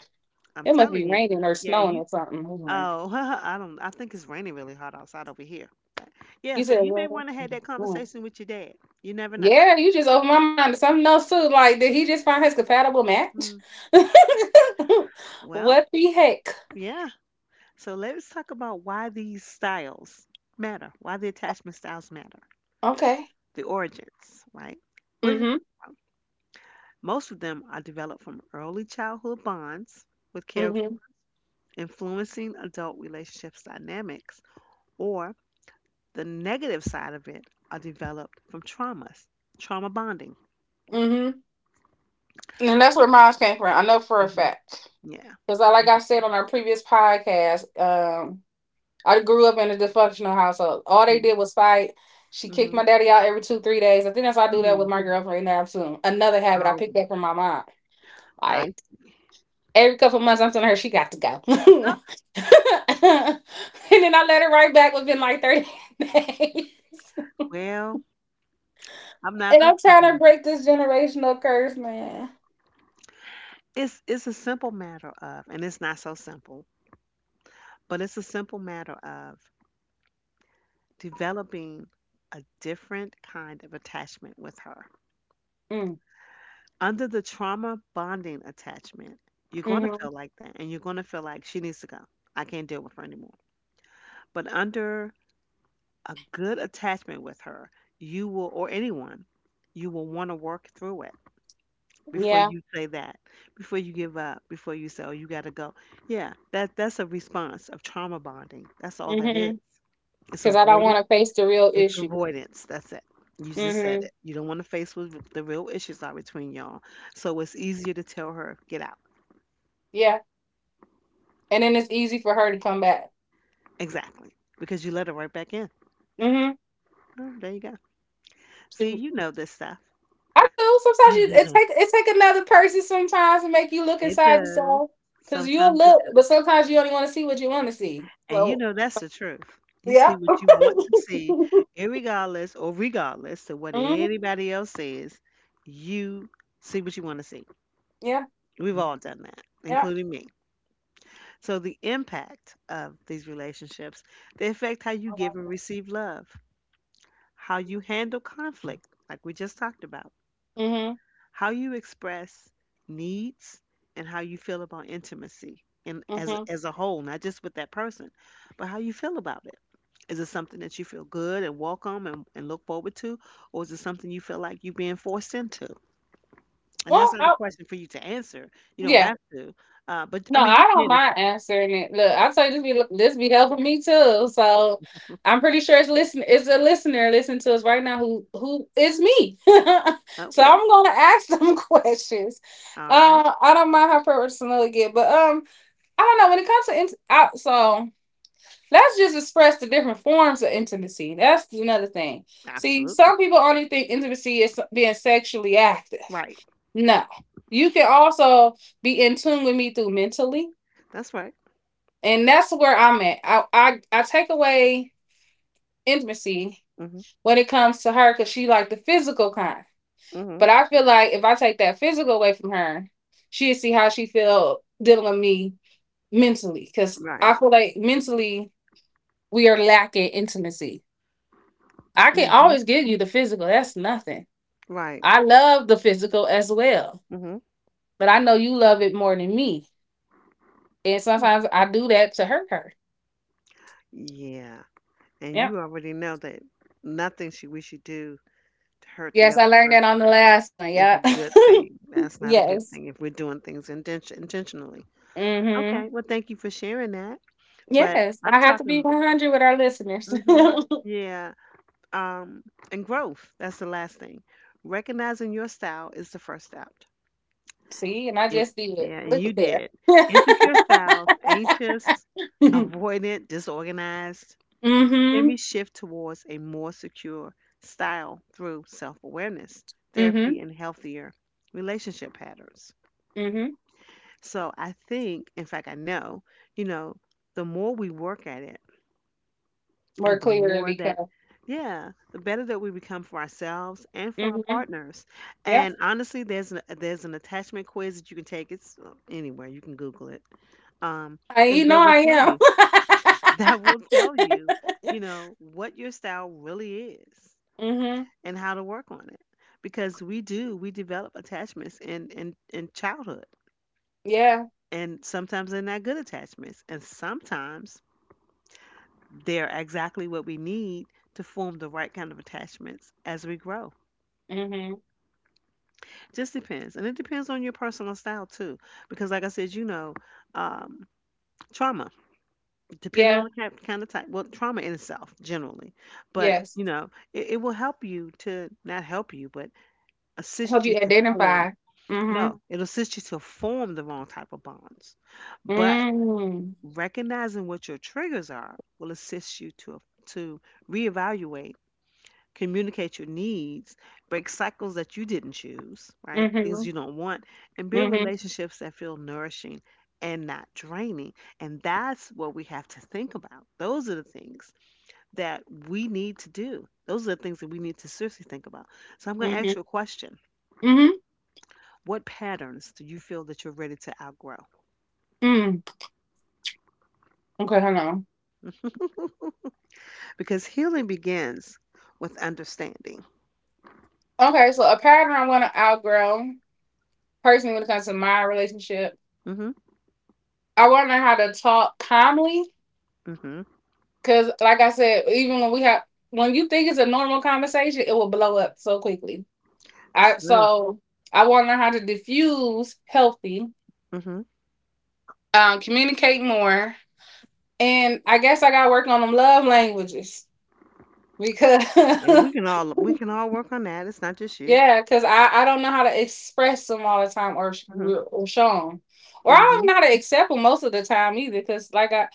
Speaker 1: I'm
Speaker 2: It must be
Speaker 1: telling you.
Speaker 2: raining or
Speaker 1: Yeah.
Speaker 2: snowing
Speaker 1: You.
Speaker 2: or something. All right.
Speaker 1: Oh, [LAUGHS] I don't. I think it's raining really hard outside over here. But yeah.
Speaker 2: You
Speaker 1: So
Speaker 2: said
Speaker 1: you may want to have that
Speaker 2: what?
Speaker 1: conversation with your dad. You never know.
Speaker 2: Yeah, you just opened my mind to something else too. Like, did he just find his compatible match?
Speaker 1: Mm.
Speaker 2: [LAUGHS]
Speaker 1: Well,
Speaker 2: What the heck?
Speaker 1: yeah. So let's talk about why these styles matter, why the attachment styles matter,
Speaker 2: Okay.
Speaker 1: the origins, right? Where did it
Speaker 2: Mm-hmm.
Speaker 1: come from? Most of them are developed from early childhood bonds with caregivers,
Speaker 2: Mm-hmm.
Speaker 1: influencing adult relationships dynamics, or the negative side of it are developed from traumas, trauma bonding.
Speaker 2: Mm-hmm. And that's where mine came from. I know for a
Speaker 1: Hmm.
Speaker 2: fact.
Speaker 1: Yeah.
Speaker 2: Because, I like I said on our previous podcast, I grew up in a dysfunctional household. All they
Speaker 1: Yeah.
Speaker 2: did was fight. She kicked
Speaker 1: Hmm.
Speaker 2: my daddy out every two, 3 days. I think that's why I do that
Speaker 1: Mm.
Speaker 2: with my girlfriend now too. Another habit I
Speaker 1: Oh,
Speaker 2: picked
Speaker 1: boy.
Speaker 2: up from my mom.
Speaker 1: I
Speaker 2: Like, every couple of months I'm telling her she got to go [LAUGHS] and then I let her right back within like 30 [LAUGHS] days.
Speaker 1: well, I'm not
Speaker 2: And
Speaker 1: gonna
Speaker 2: I'm trying to
Speaker 1: comment.
Speaker 2: break this generational curse, man.
Speaker 1: It's a simple matter of, and it's not so simple, but it's a simple matter of developing a different kind of attachment with her.
Speaker 2: Mm,
Speaker 1: Under the trauma bonding attachment, you're going to
Speaker 2: mm-hmm.
Speaker 1: feel like that, and you're going to feel like she needs to go. I can't deal with her anymore. But under a good attachment with her, you will, or anyone, you will want to work through it before
Speaker 2: Yeah.
Speaker 1: you say that, before you give up, before you say, "Oh, you got to go." Yeah, that's a response of trauma bonding. That's all that is.
Speaker 2: Mm-hmm.
Speaker 1: It's
Speaker 2: Because I don't
Speaker 1: avoided.
Speaker 2: want to face the real
Speaker 1: It's
Speaker 2: issue.
Speaker 1: avoidance. That's it. You just said
Speaker 2: Mm-hmm.
Speaker 1: it. You don't want to face what the real issues are between y'all. So it's easier to tell her, "Get out."
Speaker 2: Yeah. And then it's easy for her to come back.
Speaker 1: Exactly, because you let her right back in.
Speaker 2: Mm-hmm.
Speaker 1: Oh, there you go. See,
Speaker 2: She,
Speaker 1: you know this stuff.
Speaker 2: I do.
Speaker 1: [LAUGHS]
Speaker 2: Sometimes you, it
Speaker 1: It
Speaker 2: take it take another person sometimes to make you look inside
Speaker 1: does.
Speaker 2: yourself. Cause you'll
Speaker 1: Sometimes it
Speaker 2: look,
Speaker 1: does.
Speaker 2: but sometimes you only want to see what you want to see.
Speaker 1: And you
Speaker 2: So
Speaker 1: know that's the truth. You
Speaker 2: yeah.
Speaker 1: see what you want to see,
Speaker 2: [LAUGHS]
Speaker 1: irregardless or regardless to what
Speaker 2: Mm-hmm.
Speaker 1: anybody else says, you see what you want to see.
Speaker 2: Yeah,
Speaker 1: We've all done that,
Speaker 2: yeah.
Speaker 1: including me. So the impact of these relationships, they affect how you
Speaker 2: I
Speaker 1: give
Speaker 2: like
Speaker 1: and
Speaker 2: that.
Speaker 1: receive love, how you handle conflict, like we just talked about,
Speaker 2: Mhm,
Speaker 1: how you express needs, and how you feel about intimacy and as
Speaker 2: mhm.
Speaker 1: as a whole, not just with that person, but how you feel about it. Is it something that you feel good and welcome and, look forward to? Or is it something you feel like you're being forced into? And that's
Speaker 2: Well,
Speaker 1: not a
Speaker 2: I,
Speaker 1: question for you to answer. You don't
Speaker 2: yeah.
Speaker 1: have to. But I
Speaker 2: No,
Speaker 1: mean,
Speaker 2: I
Speaker 1: you
Speaker 2: don't
Speaker 1: can if
Speaker 2: mind answering it. Look, I tell you, this be helping me too. So
Speaker 1: you. [LAUGHS]
Speaker 2: I'm pretty sure it's, listen, it's a listener listening to us right now who is me. [LAUGHS] So
Speaker 1: Okay.
Speaker 2: I'm gonna ask them [LAUGHS] questions.
Speaker 1: All right.
Speaker 2: I don't mind how personal it get, but I don't know when it comes to int- out. So let's just express the different forms of intimacy. That's another thing. See,
Speaker 1: Absolutely.
Speaker 2: some people only think intimacy is being sexually active.
Speaker 1: Right.
Speaker 2: No. You can also be in tune with me through mentally.
Speaker 1: That's right.
Speaker 2: And that's where I'm at. I take away intimacy
Speaker 1: Mm-hmm.
Speaker 2: when it comes to her because she like the physical kind.
Speaker 1: Mm-hmm.
Speaker 2: But I feel like if I take that physical away from her, she'll see how she feel dealing with me mentally. Cause
Speaker 1: Right.
Speaker 2: I feel like mentally we are lacking intimacy. I can
Speaker 1: Mm-hmm.
Speaker 2: always give you the physical. That's nothing.
Speaker 1: Right.
Speaker 2: I love the physical as well.
Speaker 1: Mm-hmm.
Speaker 2: But I know you love it more than me. And
Speaker 1: Hmm.
Speaker 2: sometimes I do that to hurt her.
Speaker 1: Yeah. And
Speaker 2: Yep.
Speaker 1: you already know that nothing should we should do to hurt the
Speaker 2: Yes,
Speaker 1: other
Speaker 2: I learned that on the
Speaker 1: person
Speaker 2: last one.
Speaker 1: is
Speaker 2: Yeah.
Speaker 1: a good thing.
Speaker 2: [LAUGHS]
Speaker 1: That's not a good
Speaker 2: Yes.
Speaker 1: thing if we're doing things intentionally.
Speaker 2: Mm-hmm.
Speaker 1: Okay, well, thank you for sharing that. But
Speaker 2: Yes.
Speaker 1: I'm
Speaker 2: I have to be
Speaker 1: talking,
Speaker 2: 100 with our listeners.
Speaker 1: hmm, yeah, um, and growth. That's the last thing. Recognizing your style is the first step.
Speaker 2: [LAUGHS] See, and I
Speaker 1: It,
Speaker 2: just did.
Speaker 1: yeah, and
Speaker 2: Look
Speaker 1: you
Speaker 2: at there.
Speaker 1: did.
Speaker 2: [LAUGHS]
Speaker 1: Insecure styles, anxious,
Speaker 2: Mm-hmm.
Speaker 1: avoidant, disorganized, can be shift towards a more secure style through self-awareness,
Speaker 2: Mm-hmm.
Speaker 1: therapy, and healthier relationship patterns.
Speaker 2: Mm-hmm.
Speaker 1: So I think, in fact, I know, you know, the more we work at it.
Speaker 2: More
Speaker 1: And the
Speaker 2: clearer
Speaker 1: more that,
Speaker 2: because.
Speaker 1: yeah, the better that we become for ourselves and for our
Speaker 2: Mm-hmm.
Speaker 1: partners.
Speaker 2: Yep.
Speaker 1: And honestly, there's an attachment quiz that you can take. It's anywhere. You can Google it. Um,
Speaker 2: I, you
Speaker 1: and
Speaker 2: know
Speaker 1: that will
Speaker 2: I
Speaker 1: tell you. [LAUGHS]
Speaker 2: am.
Speaker 1: That will tell you, what your style really is
Speaker 2: [LAUGHS] Mm-hmm.
Speaker 1: and how to work on it. Because we do, we develop attachments in childhood.
Speaker 2: Yeah.
Speaker 1: And sometimes they're not good attachments. And sometimes they're exactly what we need to form the right kind of attachments as we grow.
Speaker 2: Mm-hmm.
Speaker 1: Just depends. And it depends on your personal style too. Because, like I said, um, trauma, depending
Speaker 2: Yeah.
Speaker 1: on the kind of type, well, trauma in itself generally. But,
Speaker 2: Yes.
Speaker 1: you know, it will help you to not help you, but
Speaker 2: Help
Speaker 1: assist you
Speaker 2: you
Speaker 1: to form.
Speaker 2: identify. Mm-hmm.
Speaker 1: No, it'll assist you to form the wrong type of bonds. But
Speaker 2: Mm-hmm.
Speaker 1: recognizing what your triggers are will assist you to reevaluate, communicate your needs, break cycles that you didn't choose, right?
Speaker 2: Mm-hmm.
Speaker 1: Things you don't want, and build
Speaker 2: Mm-hmm.
Speaker 1: relationships that feel nourishing and not draining. And that's what we have to think about. Those are the things that we need to do. Those are the things that we need to seriously think about. So I'm going to
Speaker 2: Mm-hmm.
Speaker 1: ask you a question.
Speaker 2: Mm-hmm.
Speaker 1: What patterns do you feel that you're ready to outgrow?
Speaker 2: Mm. Okay, hold on.
Speaker 1: Because healing begins with understanding.
Speaker 2: Okay, so a pattern I want to outgrow personally when it comes to my relationship.
Speaker 1: Mhm.
Speaker 2: I want to know how to talk calmly
Speaker 1: Mhm.
Speaker 2: because, like I said, even when we have, when you think it's a normal conversation, it will blow up so quickly. I
Speaker 1: True.
Speaker 2: so I want to know how to diffuse healthy,
Speaker 1: Mhm.
Speaker 2: communicate more, and I guess I got to work on them love languages because
Speaker 1: Yeah,
Speaker 2: [LAUGHS]
Speaker 1: we can all work on that. It's not just you.
Speaker 2: yeah, because I don't know how to express them all the time or, sh-
Speaker 1: Mhm.
Speaker 2: or show them. Or I don't
Speaker 1: Mhm.
Speaker 2: know how to accept them most of the time either because, like, I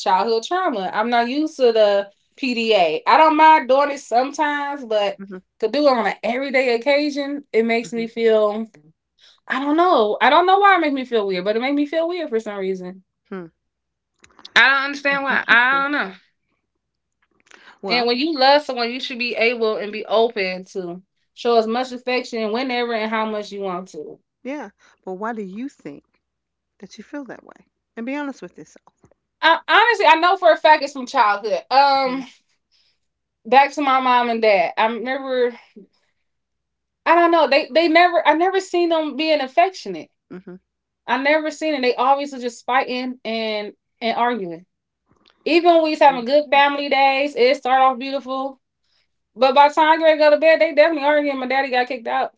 Speaker 2: childhood trauma. I'm not used to the PDA. I don't mind doing it sometimes, but
Speaker 1: Mhm,
Speaker 2: to do it on an everyday occasion, it makes me
Speaker 1: mhm.
Speaker 2: feel, I don't know. I don't know why it makes me feel weird, but it made me feel weird for some reason.
Speaker 1: Hmm.
Speaker 2: I don't understand
Speaker 1: That's
Speaker 2: why. I
Speaker 1: interesting.
Speaker 2: don't know. And
Speaker 1: Well,
Speaker 2: when you love someone, you should be able and be open to show as much affection whenever and how much you want to.
Speaker 1: yeah, but why do you think that you feel that way? And be honest with yourself.
Speaker 2: I, honestly, I know for a fact it's from childhood.
Speaker 1: Mm,
Speaker 2: Back to my mom and dad. I remember. I don't know. They never. I never seen them being affectionate.
Speaker 1: mhm.
Speaker 2: I never seen it. They always were just fighting and arguing. Even when we was having good
Speaker 1: Understood.
Speaker 2: family days, it started off beautiful. But by the time I go to bed, they definitely arguing. My daddy got kicked out.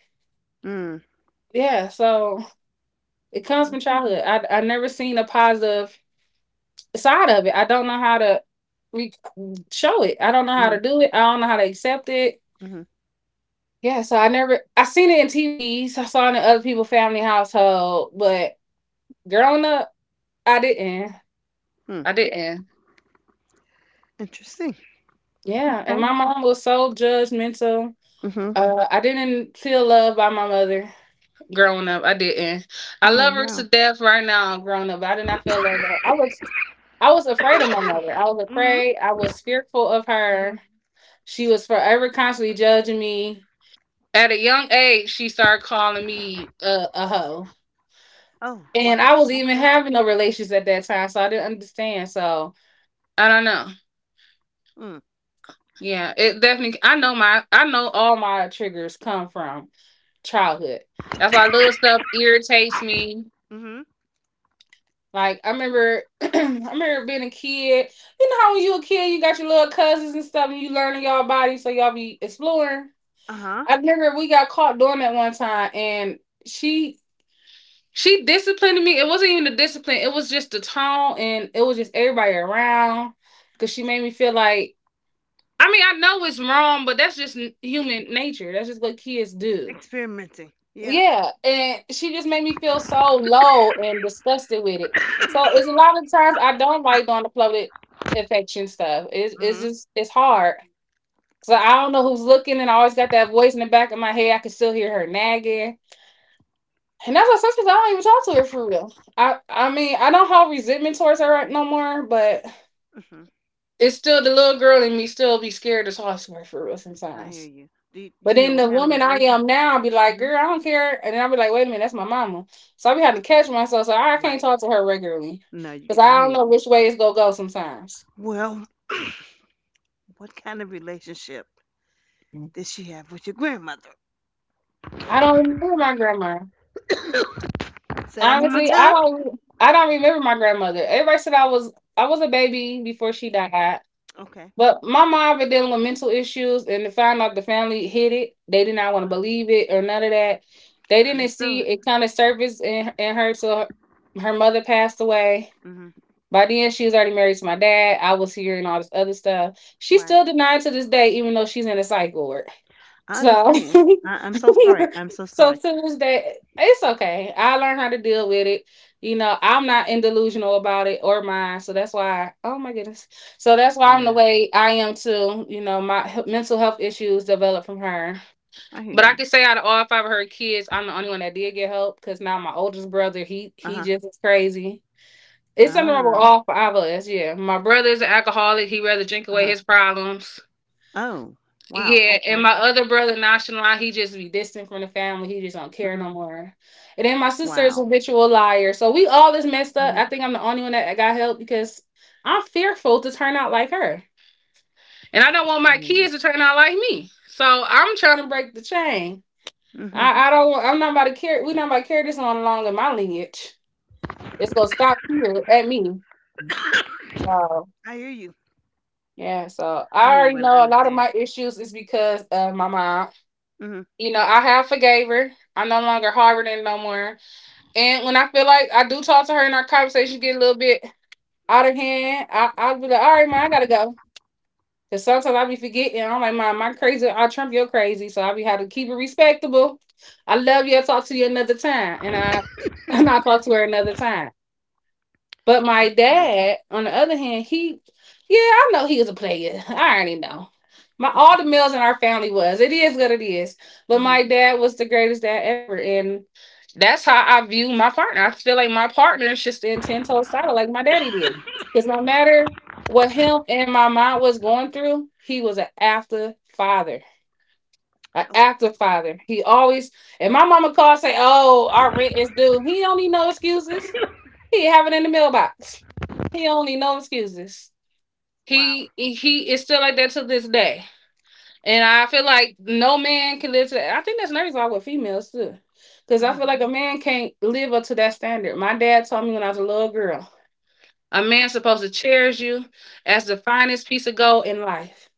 Speaker 1: Mm.
Speaker 2: Yeah, so it comes from
Speaker 1: Okay.
Speaker 2: childhood. I never seen a positive side of it. I don't know how to re- show it. I don't know how
Speaker 1: Mm.
Speaker 2: to do it. I don't know how to accept it.
Speaker 1: Mhm.
Speaker 2: Yeah, so I never I seen it in TVs. I saw it in other people's family household, but growing up, I didn't.
Speaker 1: Mm.
Speaker 2: I didn't.
Speaker 1: Interesting.
Speaker 2: Yeah, and
Speaker 1: Okay.
Speaker 2: my mom was so judgmental.
Speaker 1: Mhm.
Speaker 2: I didn't feel loved by my mother growing up. I didn't. I
Speaker 1: Oh
Speaker 2: love her to
Speaker 1: wow.
Speaker 2: death right now. Growing up, but I did not feel loved by her. I was afraid of my
Speaker 1: [COUGHS]
Speaker 2: mother. I was
Speaker 1: Mhm.
Speaker 2: afraid. I was fearful of
Speaker 1: Mhm.
Speaker 2: her. She was forever constantly judging me. At a young age, she started calling me a hoe.
Speaker 1: Oh,
Speaker 2: And I
Speaker 1: wow.
Speaker 2: was even
Speaker 1: Okay.
Speaker 2: having no relations at that time, so I didn't understand. So I don't know.
Speaker 1: Mm.
Speaker 2: Yeah, it definitely. I know all my triggers come from childhood. That's why little stuff irritates me.
Speaker 1: Mhm.
Speaker 2: Like I remember, [CLEARS THROAT] I remember being a kid. You know how when you a kid, you got your little cousins and stuff, and you learning y'all body, so y'all be exploring.
Speaker 1: Uh-huh.
Speaker 2: I remember we got caught doing that one time, and she she disciplined me. It wasn't even the discipline. It was just the tone, and it was just everybody around. Cause she made me feel like, I mean, I know it's wrong, but that's just human nature. That's just what kids do.
Speaker 1: Experimenting. Yeah.
Speaker 2: Yeah, and she just made me feel so low and disgusted with it. So it's a
Speaker 1: [COUGHS]
Speaker 2: lot of times I don't like doing the public affection stuff. It's
Speaker 1: Mhm.
Speaker 2: just it's hard. Cause I
Speaker 1: Wow.
Speaker 2: don't know who's looking, and I always got that voice in the back of my head. I can still hear her nagging. And that's what I said, because I don't even talk to her for real. I mean I don't have resentment towards her right no more, but
Speaker 1: Mhm.
Speaker 2: it's still the little girl in me still be scared to talk to her for real
Speaker 1: I hear
Speaker 2: sometimes.
Speaker 1: you. Do you,
Speaker 2: But
Speaker 1: you know
Speaker 2: then
Speaker 1: what
Speaker 2: the
Speaker 1: kind of
Speaker 2: woman I
Speaker 1: relationship?
Speaker 2: am now be like,
Speaker 1: Mhm.
Speaker 2: girl, I don't care, and then I be like, wait a minute, that's my mama. So I be having to catch myself, so I can't
Speaker 1: Right.
Speaker 2: talk to her regularly
Speaker 1: No, you
Speaker 2: because
Speaker 1: can. I
Speaker 2: I
Speaker 1: hear
Speaker 2: don't know
Speaker 1: you.
Speaker 2: which way it's gonna go sometimes.
Speaker 1: Well, what kind of relationship did she have with your grandmother?
Speaker 2: I don't remember my grandma.
Speaker 1: Say that one more
Speaker 2: Honestly, I
Speaker 1: time.
Speaker 2: don't. I don't remember my grandmother. Everybody said I was a baby before she died.
Speaker 1: Okay.
Speaker 2: But my mom was dealing with mental issues, and to find out the family hid it, they did not want
Speaker 1: Uh,
Speaker 2: to believe it or none of that. They didn't see
Speaker 1: understood.
Speaker 2: it kind of surfaced in her till her mother passed away.
Speaker 1: Hmm.
Speaker 2: By then, she was already married to my dad. I was hearing all this other stuff. She still
Speaker 1: Right.
Speaker 2: denied to this day, even though she's in a psych ward.
Speaker 1: I
Speaker 2: So,
Speaker 1: understand. I'm so
Speaker 2: [LAUGHS]
Speaker 1: sorry. I'm so
Speaker 2: so
Speaker 1: sorry.
Speaker 2: Tuesday, it's okay. I learned how to deal with it. You know, I'm not in delusional about it or mine, so that's why. Oh my goodness. So that's why I'm the
Speaker 1: Yeah,
Speaker 2: way I am too. You know, mental health issues developed from her.
Speaker 1: I hear
Speaker 2: But I
Speaker 1: you.
Speaker 2: can say out of all five of her kids, I'm the only one that did get help because now my oldest brother, he
Speaker 1: Uh
Speaker 2: he
Speaker 1: huh.
Speaker 2: just is crazy. It's something wrong with
Speaker 1: Ah.
Speaker 2: all five of us. Yeah, my brother's an alcoholic. He rather drink
Speaker 1: Uh huh.
Speaker 2: away his problems.
Speaker 1: Oh. Wow.
Speaker 2: Yeah,
Speaker 1: Okay.
Speaker 2: and my other brother, nonchalant, he just be distant from the family. He just don't care
Speaker 1: Hmm.
Speaker 2: no more. And then my sister
Speaker 1: Wow.
Speaker 2: is a habitual liar. So we all is
Speaker 1: Hmm.
Speaker 2: messed up. I think I'm the only one that got help because I'm fearful to turn out like her. And I don't
Speaker 1: I
Speaker 2: want
Speaker 1: hear
Speaker 2: my
Speaker 1: you.
Speaker 2: kids to turn out like me. So I'm trying to break the chain.
Speaker 1: Hmm.
Speaker 2: I don't want, I'm not about to carry, we're not about to carry this on along in my lineage. It's going to stop here at me.
Speaker 1: [COUGHS]
Speaker 2: So,
Speaker 1: I hear you.
Speaker 2: yeah, so
Speaker 1: I hear
Speaker 2: I
Speaker 1: you, and I
Speaker 2: already know a
Speaker 1: understand.
Speaker 2: lot of my issues is because of my mom.
Speaker 1: Hmm.
Speaker 2: You know, I have forgave her. I'm no longer harboring no more. And when I feel like I do talk to her and our conversation get a little bit out of hand, I'll be like, all right, man, I gotta go. Cause sometimes I be forgetting. I'm like, Mom, my crazy. I trump your crazy. So I be have to keep it respectable. I love you. I'll talk to you another time. And I [LAUGHS] and I talk to her another time. But
Speaker 1: I
Speaker 2: my
Speaker 1: hear you.
Speaker 2: dad, on the other hand, he, yeah, I know he was a player. [LAUGHS] I already know. My all the males in our family was. It is what it is. But
Speaker 1: Hmm.
Speaker 2: my dad was the greatest dad ever, and that's how I view my partner. I feel like my partner should stand ten toes solid, like my daddy did. Because no matter what him and my mom was going through, he was an after father. An
Speaker 1: Okay.
Speaker 2: active father. He always and my mama called say, "Oh, our rent is due." He don't need no excuses. He have it in the mailbox. He don't need no excuses.
Speaker 1: Wow.
Speaker 2: He is still like that to this day, and I feel like no man can live to that. I think that's nervous all with females too, because I
Speaker 1: Uh-huh.
Speaker 2: feel like a man can't live up to that standard. My dad told me when I was a little girl, a man's supposed to cherish you as the finest piece of gold in life,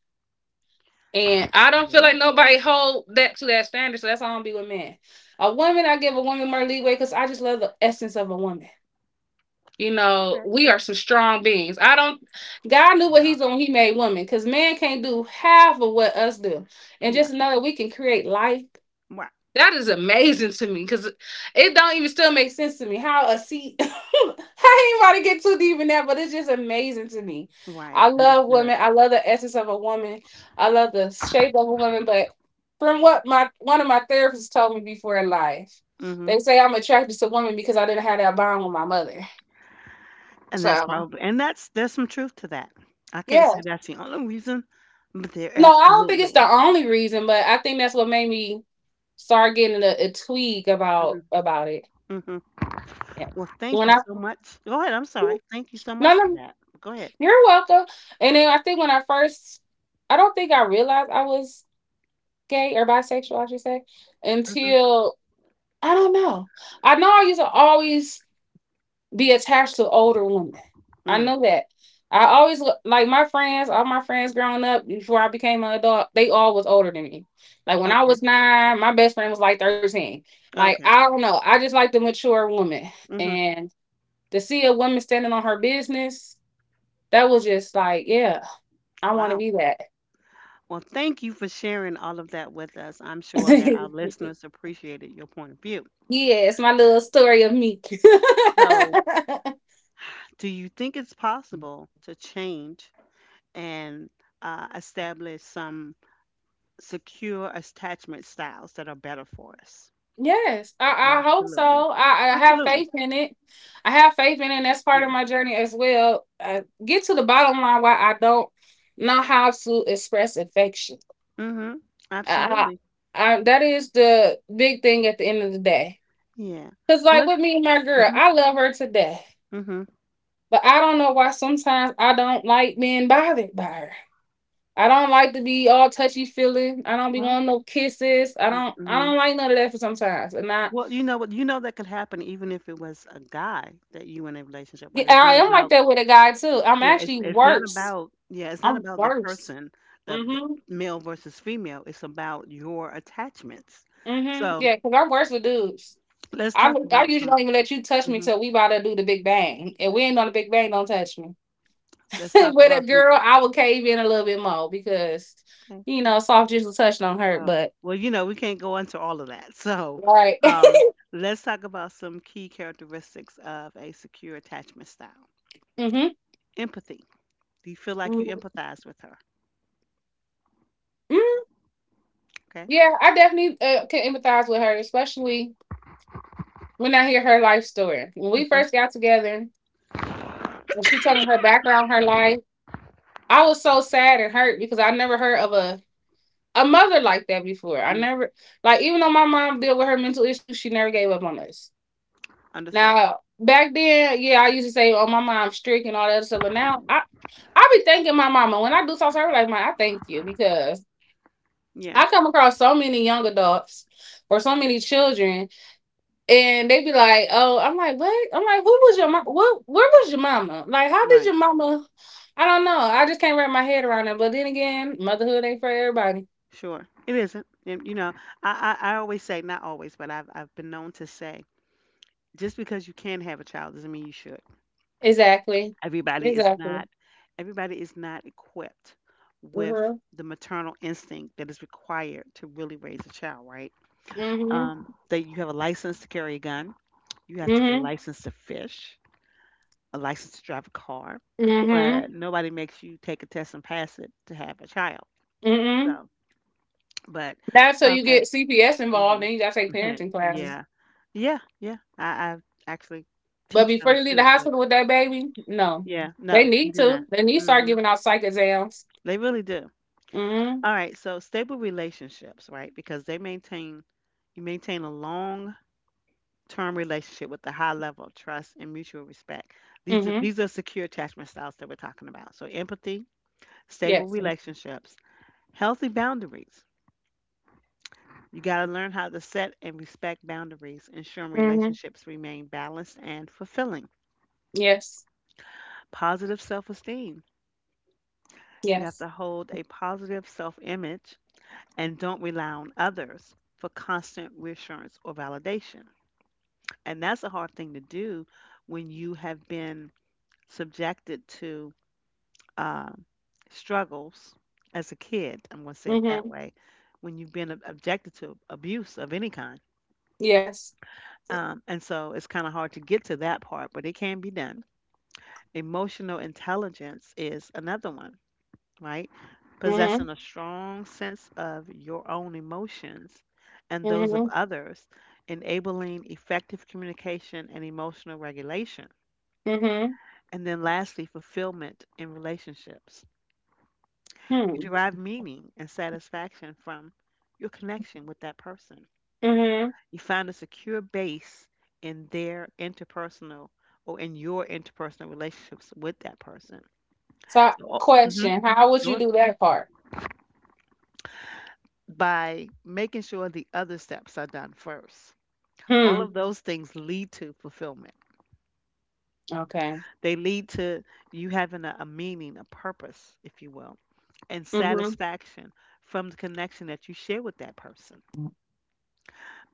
Speaker 2: and I don't feel
Speaker 1: Yeah.
Speaker 2: like nobody hold that to that standard. So that's why I don't be with men. A woman, I give a woman more leeway because I just love the essence of a woman. You know,
Speaker 1: Okay.
Speaker 2: we are some strong beings. I don't God knew what
Speaker 1: Yeah.
Speaker 2: he made woman because man can't do half of what us do. And
Speaker 1: Yeah.
Speaker 2: just to know that we can create life.
Speaker 1: Right.
Speaker 2: That is amazing to me because it don't even still make sense to me how a seed [LAUGHS] I ain't about to get too deep in that, but it's just amazing to me.
Speaker 1: Right.
Speaker 2: I love
Speaker 1: Understood.
Speaker 2: women. I love the essence of a woman. I love the shape of a woman, but from what my one of my therapists told me before in life,
Speaker 1: Hmm.
Speaker 2: they say I'm attracted to women because I didn't have that bond with my mother.
Speaker 1: And that's
Speaker 2: So
Speaker 1: probably and that's there's some truth to that. I can't
Speaker 2: yeah.
Speaker 1: say that's the only reason, but there
Speaker 2: No, I don't think it's
Speaker 1: absolutely.
Speaker 2: the only reason, but I think that's what made me start getting a tweak about
Speaker 1: Mhm,
Speaker 2: about it.
Speaker 1: mhm.
Speaker 2: Yeah.
Speaker 1: Well, thank
Speaker 2: When
Speaker 1: you
Speaker 2: I
Speaker 1: so much. Go ahead. I'm sorry. Thank you so much
Speaker 2: no,
Speaker 1: for
Speaker 2: no,
Speaker 1: that. Go ahead.
Speaker 2: you're welcome. And then I think when I first, I don't think I realized I was gay or bisexual, I should say,
Speaker 1: Mhm,
Speaker 2: until I don't know. I know I used to always be attached to older women. I
Speaker 1: mhm.
Speaker 2: know that. I always look like my friends, all my friends growing up before I became an adult, they all was older than me. Like when I
Speaker 1: Okay.
Speaker 2: was nine, my best friend was like 13. Like,
Speaker 1: Okay.
Speaker 2: I don't know. I just like the mature woman.
Speaker 1: Mhm.
Speaker 2: And to see a woman standing on her business, that was just like, yeah, I want to
Speaker 1: Wow.
Speaker 2: be that.
Speaker 1: Well, thank you for sharing all of that with us. I'm sure that our listeners appreciated your point of view.
Speaker 2: [LAUGHS] Yeah, it's my little story of me.
Speaker 1: So,
Speaker 2: [LAUGHS]
Speaker 1: do you think it's possible to change and establish some secure attachment styles that are better for us?
Speaker 2: Yes,
Speaker 1: Yeah,
Speaker 2: I hope
Speaker 1: absolutely.
Speaker 2: so. I have
Speaker 1: Absolutely.
Speaker 2: faith in it. I have faith in it, and that's part of
Speaker 1: Yeah.
Speaker 2: my journey as well. Get to the bottom line why I don't know how to express affection.
Speaker 1: Mhm.
Speaker 2: I,
Speaker 1: Absolutely.
Speaker 2: I, that is the big thing at the end of the day.
Speaker 1: Yeah.
Speaker 2: Because, like
Speaker 1: Unless.
Speaker 2: with me and my girl,
Speaker 1: Mhm.
Speaker 2: I love her to death,
Speaker 1: Mhm.
Speaker 2: but I don't know why sometimes I don't like being bothered by her. I don't like to be all touchy feeling. I don't be
Speaker 1: Well.
Speaker 2: wanting no kisses. I don't. I
Speaker 1: Mm-hmm.
Speaker 2: don't like none of that for sometimes, and I
Speaker 1: Well, you know what? You know that could happen even if it was a guy that you in a relationship,
Speaker 2: yeah,
Speaker 1: right? It's
Speaker 2: I
Speaker 1: not
Speaker 2: am like
Speaker 1: about.
Speaker 2: that with a guy too. I'm
Speaker 1: Yeah. It's
Speaker 2: actually
Speaker 1: it's not
Speaker 2: worse.
Speaker 1: about. Yeah. It's not
Speaker 2: I'm
Speaker 1: about the
Speaker 2: worse.
Speaker 1: person, the
Speaker 2: Mm-hmm.
Speaker 1: male versus female. It's about your attachments.
Speaker 2: Mm-hmm.
Speaker 1: So
Speaker 2: Yeah, because I'm worse with dudes.
Speaker 1: let's talk
Speaker 2: I
Speaker 1: about
Speaker 2: usually
Speaker 1: some.
Speaker 2: don't even let you touch me
Speaker 1: hmm
Speaker 2: till we about to do the big bang. If we ain't on the big bang, don't touch me. [LAUGHS]
Speaker 1: Let's talk
Speaker 2: With a
Speaker 1: about some.
Speaker 2: girl, I would cave in a little bit more because you know, soft gentle touch don't hurt,
Speaker 1: Well,
Speaker 2: but
Speaker 1: well, we can't go into all of that. [LAUGHS] So,
Speaker 2: right. [LAUGHS]
Speaker 1: um, let's talk about some key characteristics of a secure attachment style.
Speaker 2: Mm-hmm.
Speaker 1: Empathy. Do you feel like you
Speaker 2: Mm.
Speaker 1: empathize with her? Okay.
Speaker 2: Yeah, I definitely can empathize with her, especially when I hear her life story. When we
Speaker 1: Mm-hmm.
Speaker 2: first got together, when she told me her background, her life. I was so sad and hurt because I never heard of a mother like that before. I
Speaker 1: Mm.
Speaker 2: never like even though my mom dealt with her mental issues, she never gave up on us.
Speaker 1: Understood.
Speaker 2: Now back then, yeah, I used to say, "Oh, my mom's strict and all that stuff," but now I be thanking my mama when I do talk to her. Like, "Man, I thank you because
Speaker 1: Yeah.
Speaker 2: I come across so many young adults or so many children and they be like, "Oh," I'm like, "What?" I'm like, "Who was your mom? What? Where was your mama? Like, how did
Speaker 1: Right.
Speaker 2: your mama?" I don't know. I just can't wrap my head around it. But then again, motherhood ain't for everybody.
Speaker 1: Sure. It isn't. And, I always say, not always, but I've been known to say, just because you can have a child doesn't mean you should.
Speaker 2: Exactly.
Speaker 1: Everybody is
Speaker 2: Exactly.
Speaker 1: not, everybody is not equipped with
Speaker 2: Mhm.
Speaker 1: the maternal instinct that is required to really raise a child, right?
Speaker 2: Mhm.
Speaker 1: That you have a license to carry a gun. You have to get a
Speaker 2: Mhm.
Speaker 1: license to fish, a license to drive a car,
Speaker 2: Mhm.
Speaker 1: but nobody makes you take a test and pass it to have a child.
Speaker 2: Mhm.
Speaker 1: So, but
Speaker 2: That's so you
Speaker 1: okay,
Speaker 2: get CPS involved,
Speaker 1: hmm
Speaker 2: then you gotta take
Speaker 1: [LAUGHS]
Speaker 2: parenting classes.
Speaker 1: yeah, yeah, yeah. I actually
Speaker 2: But
Speaker 1: teach
Speaker 2: before
Speaker 1: those
Speaker 2: you leave the
Speaker 1: too, but
Speaker 2: hospital with that baby, no,
Speaker 1: yeah,
Speaker 2: they
Speaker 1: no, you
Speaker 2: need
Speaker 1: do
Speaker 2: to.
Speaker 1: not.
Speaker 2: They need to start
Speaker 1: Hmm.
Speaker 2: giving out psych exams.
Speaker 1: They really do.
Speaker 2: Mhm.
Speaker 1: All right, so stable relationships, right? Because they maintain you maintain a long term relationship with a high level of trust and mutual respect. These are,
Speaker 2: Mhm.
Speaker 1: these are secure attachment styles that we're talking about. So, empathy, stable
Speaker 2: Yes.
Speaker 1: relationships, healthy boundaries. You got to learn how to set and respect boundaries, ensuring
Speaker 2: Mhm.
Speaker 1: relationships remain balanced and fulfilling.
Speaker 2: Yes.
Speaker 1: Positive self esteem. You have
Speaker 2: Yes.
Speaker 1: to hold a positive self image and don't rely on others for constant reassurance or validation. And that's a hard thing to do when you have been subjected to um, struggles as a kid. I'm going to say it that
Speaker 2: Mhm.
Speaker 1: way. When you've been objected to abuse of any kind.
Speaker 2: Yes.
Speaker 1: And so it's kind of hard to get to that part, but it can be done. Emotional intelligence is another one, right? Possessing
Speaker 2: Mhm.
Speaker 1: a strong sense of your own emotions and those of
Speaker 2: Mhm.
Speaker 1: others, enabling effective communication and emotional regulation.
Speaker 2: Mhm.
Speaker 1: And then lastly, fulfillment in relationships. You
Speaker 2: Hmm.
Speaker 1: derive meaning and satisfaction from your connection with that person.
Speaker 2: Mhm.
Speaker 1: You find a secure base in their interpersonal or in your interpersonal relationships with that person.
Speaker 2: So,
Speaker 1: So,
Speaker 2: question: How would you
Speaker 1: sure.
Speaker 2: do that part?
Speaker 1: By making sure the other steps are done first. All
Speaker 2: Hmm.
Speaker 1: of those things lead to fulfillment.
Speaker 2: Okay.
Speaker 1: They lead to you having a meaning, a purpose, if you will, and
Speaker 2: Mhm.
Speaker 1: satisfaction from the connection that you share with that person.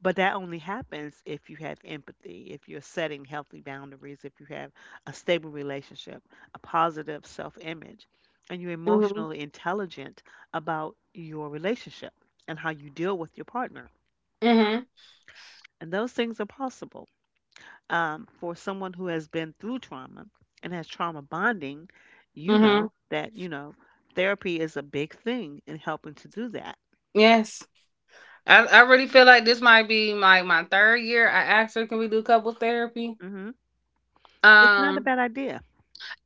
Speaker 1: But that only happens if you have empathy, if you're setting healthy boundaries, if you have a stable relationship, a positive self image, and you're
Speaker 2: Mhm.
Speaker 1: emotionally intelligent about your relationship and how you deal with your partner.
Speaker 2: Mhm.
Speaker 1: And those things are possible. For someone who has been through trauma and has trauma bonding, you
Speaker 2: Mhm.
Speaker 1: know that, therapy is a big thing in helping to do that.
Speaker 2: Yes. I really feel like this might be my third year. I asked her, "Can we do couple therapy?"
Speaker 1: Hmm. It's not a
Speaker 2: Um,
Speaker 1: bad idea.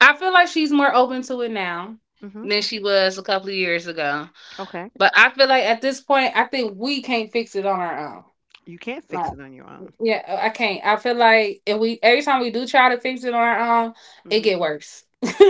Speaker 2: I feel like she's more open to it now
Speaker 1: Hmm.
Speaker 2: than she was a couple of years ago.
Speaker 1: Okay.
Speaker 2: But I feel like at this point, I think we can't fix it on our own.
Speaker 1: You can't fix
Speaker 2: Like
Speaker 1: it on your own.
Speaker 2: yeah, I can't. I feel like if we every time we do try to fix it on our own, it
Speaker 1: Mm-hmm.
Speaker 2: get worse. [LAUGHS]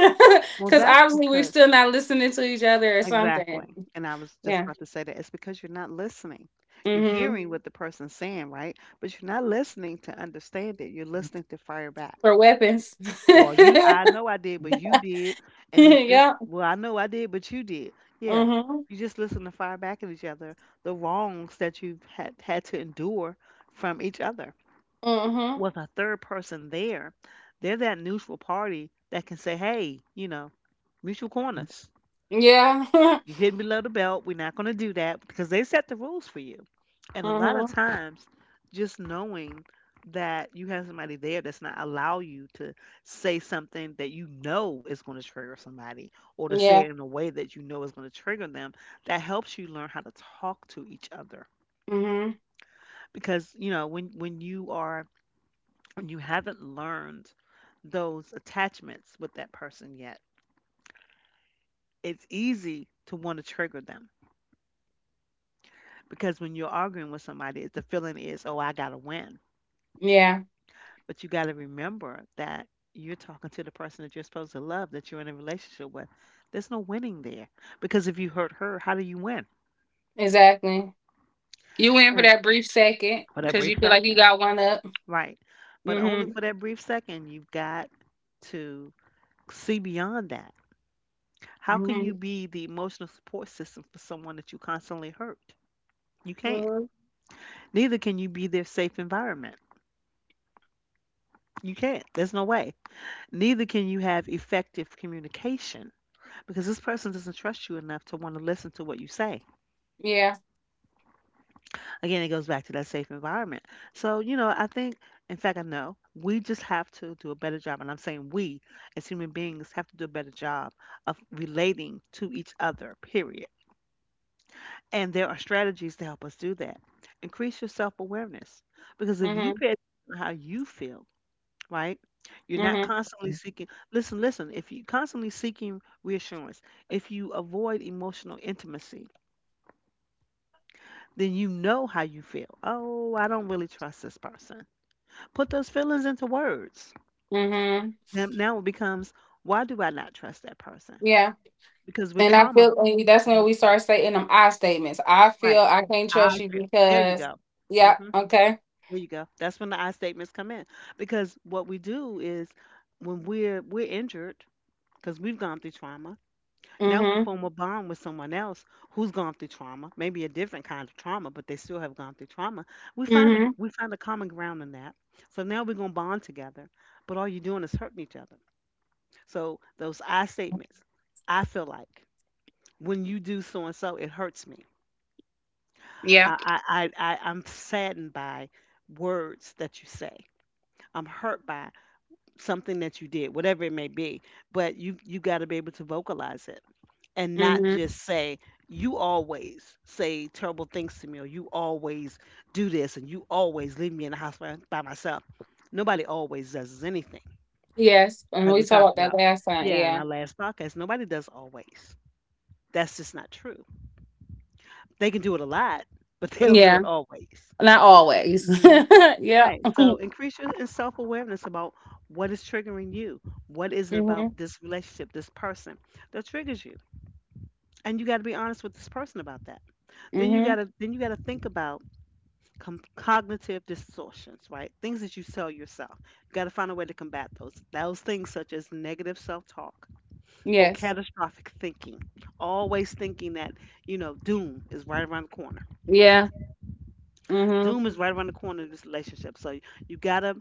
Speaker 1: Well,
Speaker 2: Because
Speaker 1: that's
Speaker 2: obviously we're
Speaker 1: because,
Speaker 2: still not listening to each other or something.
Speaker 1: exactly. And I was just
Speaker 2: Yeah.
Speaker 1: about to say that it's because you're not listening. You're
Speaker 2: Mm-hmm.
Speaker 1: hearing what the person's saying, right? But you're not listening to understand it. You're listening to fire back.
Speaker 2: For weapons.
Speaker 1: Well, you,
Speaker 2: [LAUGHS]
Speaker 1: I know I did, but you did. And then she's,
Speaker 2: Yeah.
Speaker 1: well, I know I did, but you did. Yeah.
Speaker 2: Mm-hmm.
Speaker 1: You just listen to fire back at each other, the wrongs that you've had to endure from each other.
Speaker 2: Mm-hmm.
Speaker 1: With a third person there, they're that neutral party that can say, hey, you know, mutual corners.
Speaker 2: Yeah.
Speaker 1: You
Speaker 2: [LAUGHS]
Speaker 1: hitting below the belt. We're not going to do that because they set the rules for you. And a lot of
Speaker 2: Mm-hmm.
Speaker 1: times, just knowing that you have somebody there that's not allow you to say something that you know is going to trigger somebody or to say
Speaker 2: Yeah.
Speaker 1: it in a way that you know is going to trigger them, that helps you learn how to talk to each other.
Speaker 2: Mm-hmm.
Speaker 1: Because, when you are when you haven't learned those attachments with that person yet, it's easy to want to trigger them. Because when you're arguing with somebody, the feeling is, oh, I got to win.
Speaker 2: Yeah.
Speaker 1: But you got to remember that you're talking to the person that you're supposed to love, that you're in a relationship with. There's no winning there. Because if you hurt her, how do you win?
Speaker 2: Exactly. You win for
Speaker 1: And
Speaker 2: that brief second
Speaker 1: for that
Speaker 2: because
Speaker 1: brief
Speaker 2: you feel like you
Speaker 1: second.
Speaker 2: got one up.
Speaker 1: Right. But only
Speaker 2: Mm-hmm.
Speaker 1: for that brief second, you've got to see beyond that. How can
Speaker 2: Mm-hmm.
Speaker 1: you be the emotional support system for someone that you constantly hurt? You can't.
Speaker 2: Mm-hmm.
Speaker 1: Neither can you be their safe environment. You can't. There's no way. Neither can you have effective communication because this person doesn't trust you enough to want to listen to what you say.
Speaker 2: Yeah.
Speaker 1: Again, it goes back to that safe environment. So, I think, in fact, I know we just have to do a better job. And I'm saying we as human beings have to do a better job of relating to each other, period. And there are strategies to help us do that. Increase your self awareness because if you
Speaker 2: Mm-hmm.
Speaker 1: pay attention to how you feel, right? You're not constantly
Speaker 2: Mm-hmm.
Speaker 1: seeking. Listen, listen. If you constantly seeking reassurance, if you avoid emotional intimacy, then you know how you feel. Oh, I don't really trust this person. Put those feelings into words.
Speaker 2: Mm-hmm.
Speaker 1: Then now it becomes, why do I not trust that person?
Speaker 2: Yeah.
Speaker 1: Because with
Speaker 2: And I
Speaker 1: trauma,
Speaker 2: feel and that's when
Speaker 1: Mhm.
Speaker 2: we start stating them I statements. I feel
Speaker 1: right?
Speaker 2: I can't
Speaker 1: I
Speaker 2: trust you
Speaker 1: feel. There you
Speaker 2: because
Speaker 1: go.
Speaker 2: yeah,
Speaker 1: hmm
Speaker 2: okay.
Speaker 1: There you go. That's when the I statements come in. Because what we do is when we're injured because we've gone through trauma. Now we
Speaker 2: Mm-hmm.
Speaker 1: form a bond with someone else who's gone through trauma, maybe a different kind of trauma, but they still have gone through trauma.
Speaker 2: Mm-hmm.
Speaker 1: We find a common ground in that. So now we're gonna bond together. But all you're doing is hurting each other. So those I statements, I feel like when you do so and so, it hurts me.
Speaker 2: Yeah.
Speaker 1: I'm saddened by words that you say. I'm hurt by something that you did, whatever it may be. But you gotta be able to vocalize it and not
Speaker 2: Mm-hmm.
Speaker 1: just say you always say terrible things to me, or you always do this, and you always leave me in the house by myself. Nobody always does anything,
Speaker 2: Yes. And
Speaker 1: like
Speaker 2: we
Speaker 1: we
Speaker 2: talked
Speaker 1: talked
Speaker 2: about that
Speaker 1: about,
Speaker 2: last time.
Speaker 1: yeah, in
Speaker 2: Yeah.
Speaker 1: our last podcast. Nobody does always. That's just not true. They can do it a lot [LAUGHS] but they don't do
Speaker 2: Yeah.
Speaker 1: it always.
Speaker 2: Not always.
Speaker 1: hmm
Speaker 2: [LAUGHS] yeah.
Speaker 1: right, so increase your self-awareness about what is triggering you, what is it
Speaker 2: Mm-hmm.
Speaker 1: about this relationship, this person, that triggers you, and you got to be honest with this person about that.
Speaker 2: Mm-hmm.
Speaker 1: Then you gotta think about cognitive distortions, right? Things that you tell yourself. You gotta find a way to combat those. Those things such as negative self-talk or
Speaker 2: Yes.
Speaker 1: catastrophic thinking. Always thinking that doom is right around the corner.
Speaker 2: Yeah. Mm-hmm.
Speaker 1: Doom is right around the corner in this relationship. So you gotta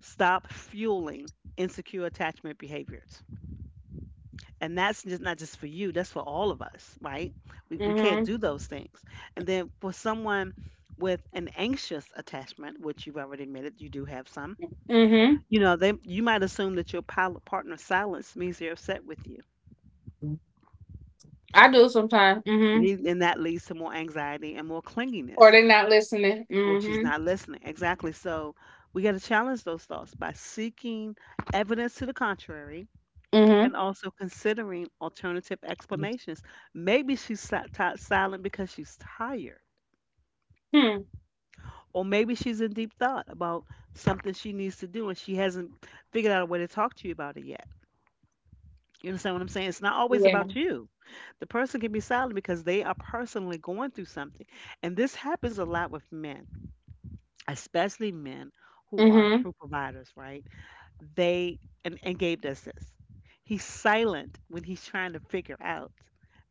Speaker 1: stop fueling insecure attachment behaviors. And that's just not just for you, that's for all of us, right? We can't
Speaker 2: Mm-hmm.
Speaker 1: do those things. And then for someone with an anxious attachment, which you've already admitted you do have some,
Speaker 2: Mm-hmm.
Speaker 1: you know they you might assume that your pilot partner's silence means they're upset with you.
Speaker 2: I do sometimes. Mm-hmm.
Speaker 1: And that leads to more anxiety and more
Speaker 2: Or
Speaker 1: clinginess.
Speaker 2: they're not listening.
Speaker 1: Well, she's
Speaker 2: Mm-hmm.
Speaker 1: not listening, exactly, so we got to challenge those thoughts by seeking evidence to the contrary,
Speaker 2: Mm-hmm.
Speaker 1: and also considering alternative explanations. Maybe she's silent because she's tired,
Speaker 2: Hmm. Hmm.
Speaker 1: or maybe she's in deep thought about something she needs to do and she hasn't figured out a way to talk to you about it yet. You understand what I'm saying? It's not always
Speaker 2: Yeah.
Speaker 1: about you. The person can be silent because they are personally going through something. And this happens a lot with men, especially men who are
Speaker 2: Mm-hmm.
Speaker 1: true providers, right? And Gabe does this. He's silent when he's trying to figure out,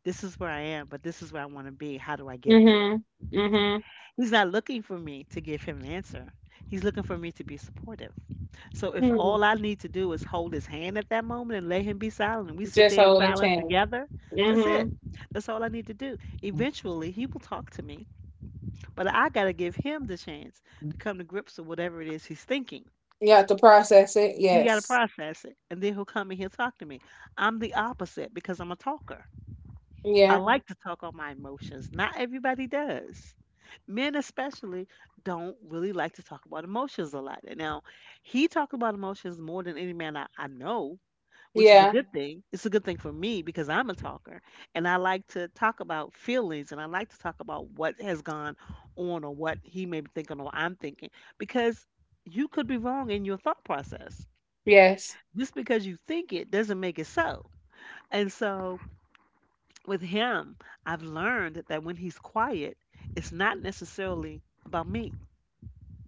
Speaker 1: this is where I am, but this is where I want to be. How do I get there?
Speaker 2: Mm-hmm. Mm-hmm.
Speaker 1: He's not looking for me to give him an answer. He's looking for me to be supportive. So
Speaker 2: Hmm.
Speaker 1: if
Speaker 2: Mm hmm.
Speaker 1: all I need to do is hold his hand at that moment and let him be silent, and we sit
Speaker 2: Just
Speaker 1: there in
Speaker 2: hold a
Speaker 1: silence
Speaker 2: chain.
Speaker 1: together, that's
Speaker 2: Mm-hmm.
Speaker 1: it. That's all I need to do. Eventually, he will talk to me, but I got to give him the chance
Speaker 2: Mhm.
Speaker 1: to come to grips with whatever it is he's thinking.
Speaker 2: You have to process it.
Speaker 1: You got to
Speaker 2: Yes.
Speaker 1: process it, and then he'll come in here talk to me. I'm the opposite because I'm a talker. I
Speaker 2: Yeah.
Speaker 1: like to talk on my emotions. Not everybody does. Men especially don't really like to talk about emotions a lot. He talked about emotions more than any man I know, which is a
Speaker 2: Yeah.
Speaker 1: good thing. It's a good thing for me because I'm a talker, and I like to talk about feelings, and I like to talk about what has gone on or what he may be thinking or I'm thinking because you could be wrong in your thought process.
Speaker 2: Yes.
Speaker 1: Just because you think it doesn't make it so. And so with him, I've learned that when he's quiet, it's not necessarily about me.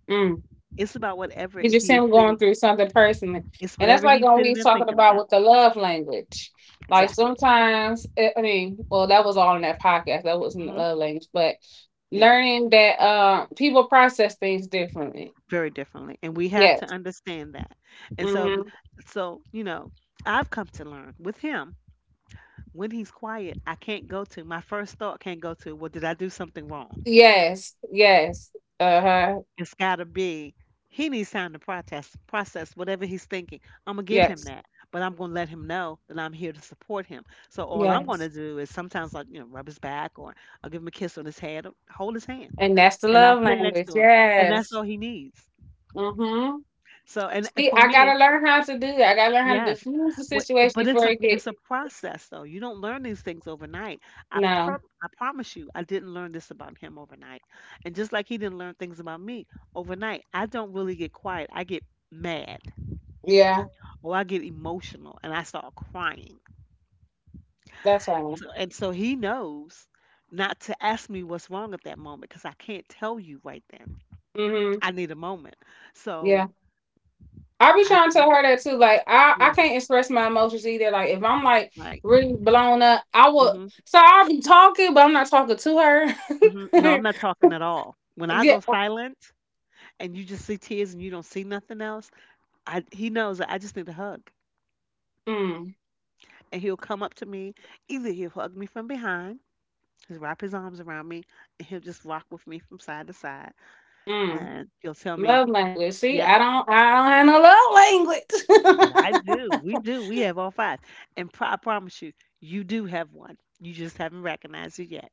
Speaker 2: Mm.
Speaker 1: It's about whatever
Speaker 2: It's just
Speaker 1: he is
Speaker 2: him going
Speaker 1: sitting.
Speaker 2: through something personally.
Speaker 1: It's
Speaker 2: And that's
Speaker 1: whatever
Speaker 2: like
Speaker 1: he's
Speaker 2: what we
Speaker 1: sitting
Speaker 2: was
Speaker 1: and
Speaker 2: talking
Speaker 1: thinking
Speaker 2: about
Speaker 1: about.
Speaker 2: with the love language. Like
Speaker 1: Exactly.
Speaker 2: sometimes, that was all in that podcast. That wasn't the
Speaker 1: hmm
Speaker 2: love language, but
Speaker 1: Yeah,
Speaker 2: learning that people process things differently.
Speaker 1: very differently. And we have to
Speaker 2: Yes.
Speaker 1: understand that. And so,
Speaker 2: Mm-hmm.
Speaker 1: so you know, I've come to learn with him when he's quiet, I can't go to my first thought can't go to, well, did I do something wrong?
Speaker 2: Yes. Yes. Uh huh.
Speaker 1: It's got to be. He needs time to process whatever he's thinking. I'm gonna give him
Speaker 2: Yes.
Speaker 1: that, but I'm gonna let him know that I'm here to support him. So all I'm gonna
Speaker 2: Yes.
Speaker 1: do is sometimes rub his back or I'll give him a kiss on his head, or hold his hand,
Speaker 2: And that's the
Speaker 1: and I'll
Speaker 2: love
Speaker 1: sit next
Speaker 2: language.
Speaker 1: to him, and that's
Speaker 2: Yes.
Speaker 1: all he needs.
Speaker 2: Mm-hmm.
Speaker 1: So and
Speaker 2: See,
Speaker 1: for
Speaker 2: I
Speaker 1: me,
Speaker 2: gotta learn how to do it. I gotta learn how to
Speaker 1: yes.
Speaker 2: diffuse the
Speaker 1: But
Speaker 2: situation
Speaker 1: but it's
Speaker 2: before
Speaker 1: a
Speaker 2: it get
Speaker 1: it's a process though. You don't learn these things overnight. I per
Speaker 2: no.
Speaker 1: I promise you, I didn't learn this about him overnight. And just like he didn't learn things about me overnight, I don't really get quiet. I get mad
Speaker 2: Yeah,
Speaker 1: or I get emotional and I start crying.
Speaker 2: that's right.
Speaker 1: So and so he knows not to ask me what's wrong at that moment because I can't tell you right then.
Speaker 2: Mm-hmm.
Speaker 1: I need a moment. So
Speaker 2: Yeah. I be
Speaker 1: I
Speaker 2: trying to tell her that too. Like I
Speaker 1: yeah,
Speaker 2: can't express my emotions either. Like if I'm like
Speaker 1: right.
Speaker 2: really blown up, I will
Speaker 1: Mhm.
Speaker 2: so I'll be talking, but I'm not talking to
Speaker 1: Mhm. No,
Speaker 2: her.
Speaker 1: I'm not
Speaker 2: [LAUGHS]
Speaker 1: talking at all. When I
Speaker 2: yeah.
Speaker 1: go silent, and you just see tears and you don't see nothing else, I he knows that I just need a hug.
Speaker 2: Mm,
Speaker 1: And he'll come up to me. Either he'll hug me from behind, he'll wrap his arms around me, and he'll just rock with me from side to side.
Speaker 2: mm.
Speaker 1: And he'll tell me,
Speaker 2: Love language. See, I don't have no love
Speaker 1: but I
Speaker 2: language. [LAUGHS]
Speaker 1: do. We do. We have all five. And I promise you, you do have one. You just haven't recognized it yet.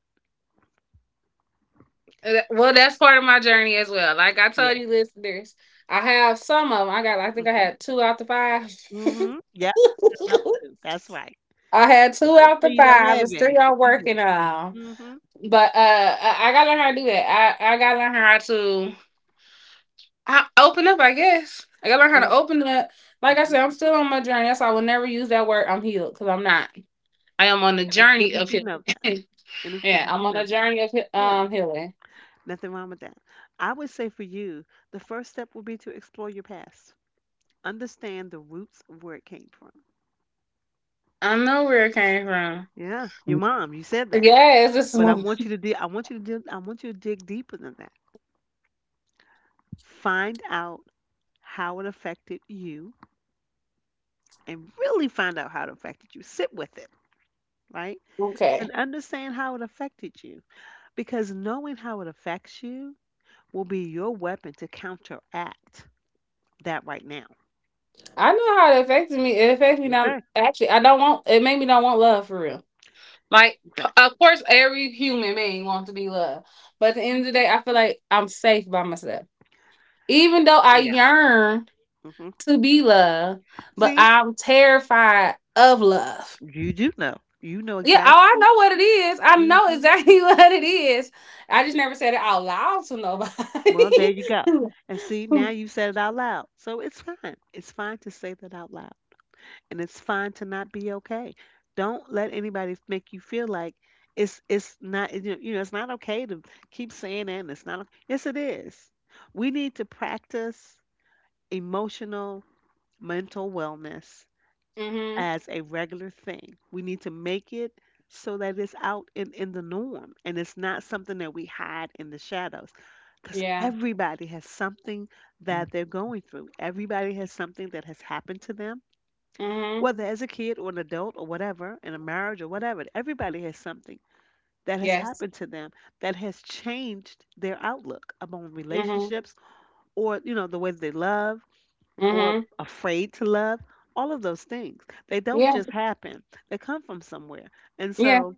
Speaker 2: Well, that's part of my journey as well. Like I
Speaker 1: Yeah.
Speaker 2: told you, listeners, I have some of them. I got, I think I
Speaker 1: Mm-hmm.
Speaker 2: had two out the five.
Speaker 1: Mm-hmm. Yeah, I love too. That's right.
Speaker 2: [LAUGHS] I had
Speaker 1: So
Speaker 2: two
Speaker 1: don't
Speaker 2: out
Speaker 1: say
Speaker 2: the
Speaker 1: you don't
Speaker 2: five.
Speaker 1: have
Speaker 2: It's
Speaker 1: any,
Speaker 2: three
Speaker 1: 'cause
Speaker 2: I'm
Speaker 1: you do.
Speaker 2: working on.
Speaker 1: Mm-hmm.
Speaker 2: But I gotta learn how to do that. I gotta learn how to I, open up, I guess. I gotta learn how to
Speaker 1: Yep.
Speaker 2: open up. Like I
Speaker 1: Mm-hmm.
Speaker 2: said, I'm still on my journey. That's why I will never use that word I'm healed because I'm not. I am on the
Speaker 1: And it's good
Speaker 2: journey
Speaker 1: that
Speaker 2: of
Speaker 1: you
Speaker 2: healing.
Speaker 1: know that. And
Speaker 2: [LAUGHS]
Speaker 1: it's good
Speaker 2: yeah,
Speaker 1: that
Speaker 2: I'm
Speaker 1: you
Speaker 2: on
Speaker 1: know
Speaker 2: a
Speaker 1: that.
Speaker 2: journey of
Speaker 1: Yeah.
Speaker 2: healing.
Speaker 1: Nothing wrong with that. I would say for you, the first step would be to explore your past. Understand the roots of where it came from.
Speaker 2: I know where it came from.
Speaker 1: Yeah, your mom, you said that.
Speaker 2: Yes, this is
Speaker 1: But I
Speaker 2: my
Speaker 1: want you to dig I want you to dig I want you to dig deeper than that. Find out how it affected you and really find out how it affected you. Sit with it, right?
Speaker 2: okay.
Speaker 1: And understand how it affected you because knowing how it affects you will be your weapon to counteract that right now.
Speaker 2: I know how it affected me. It affected me not
Speaker 1: Okay,
Speaker 2: actually. I don't want. It made me don't want love for real. Like,
Speaker 1: exactly.
Speaker 2: of course, every human being wants to be loved, but at the end of the
Speaker 1: Mhm.
Speaker 2: day, I feel like I'm safe by myself. Even though I
Speaker 1: Yeah.
Speaker 2: yearn
Speaker 1: hmm
Speaker 2: to be loved, but
Speaker 1: See,
Speaker 2: I'm terrified of love.
Speaker 1: you do know. You know
Speaker 2: Yeah, oh, I
Speaker 1: exactly.
Speaker 2: know what it is. I know
Speaker 1: hmm
Speaker 2: exactly [LAUGHS] what it is. I just never said it out loud to
Speaker 1: Well, there you go.
Speaker 2: nobody.
Speaker 1: And see, now you said it out loud. So it's fine. It's fine to say that out loud. And it's fine to not be okay. Don't let anybody make you feel like it's not it's not okay to keep saying that and it's not okay. Yes, it is. We need to practice emotional mental wellness
Speaker 2: [LAUGHS] mhm.
Speaker 1: as a regular thing. We need to make it so that it's out in the norm and it's not something that we hide in the shadows. Because
Speaker 2: Yeah.
Speaker 1: everybody has something that they're going through, everybody has something that has happened to them,
Speaker 2: Mhm.
Speaker 1: whether as a kid or an adult or whatever, in a marriage or whatever. Everybody has something that has
Speaker 2: Yes.
Speaker 1: happened to them that has changed their outlook upon
Speaker 2: Mhm.
Speaker 1: relationships or the way they love or
Speaker 2: Mhm.
Speaker 1: afraid to love, all of those things. They don't
Speaker 2: Yeah.
Speaker 1: just happen, they come from somewhere. And
Speaker 2: Yeah.
Speaker 1: so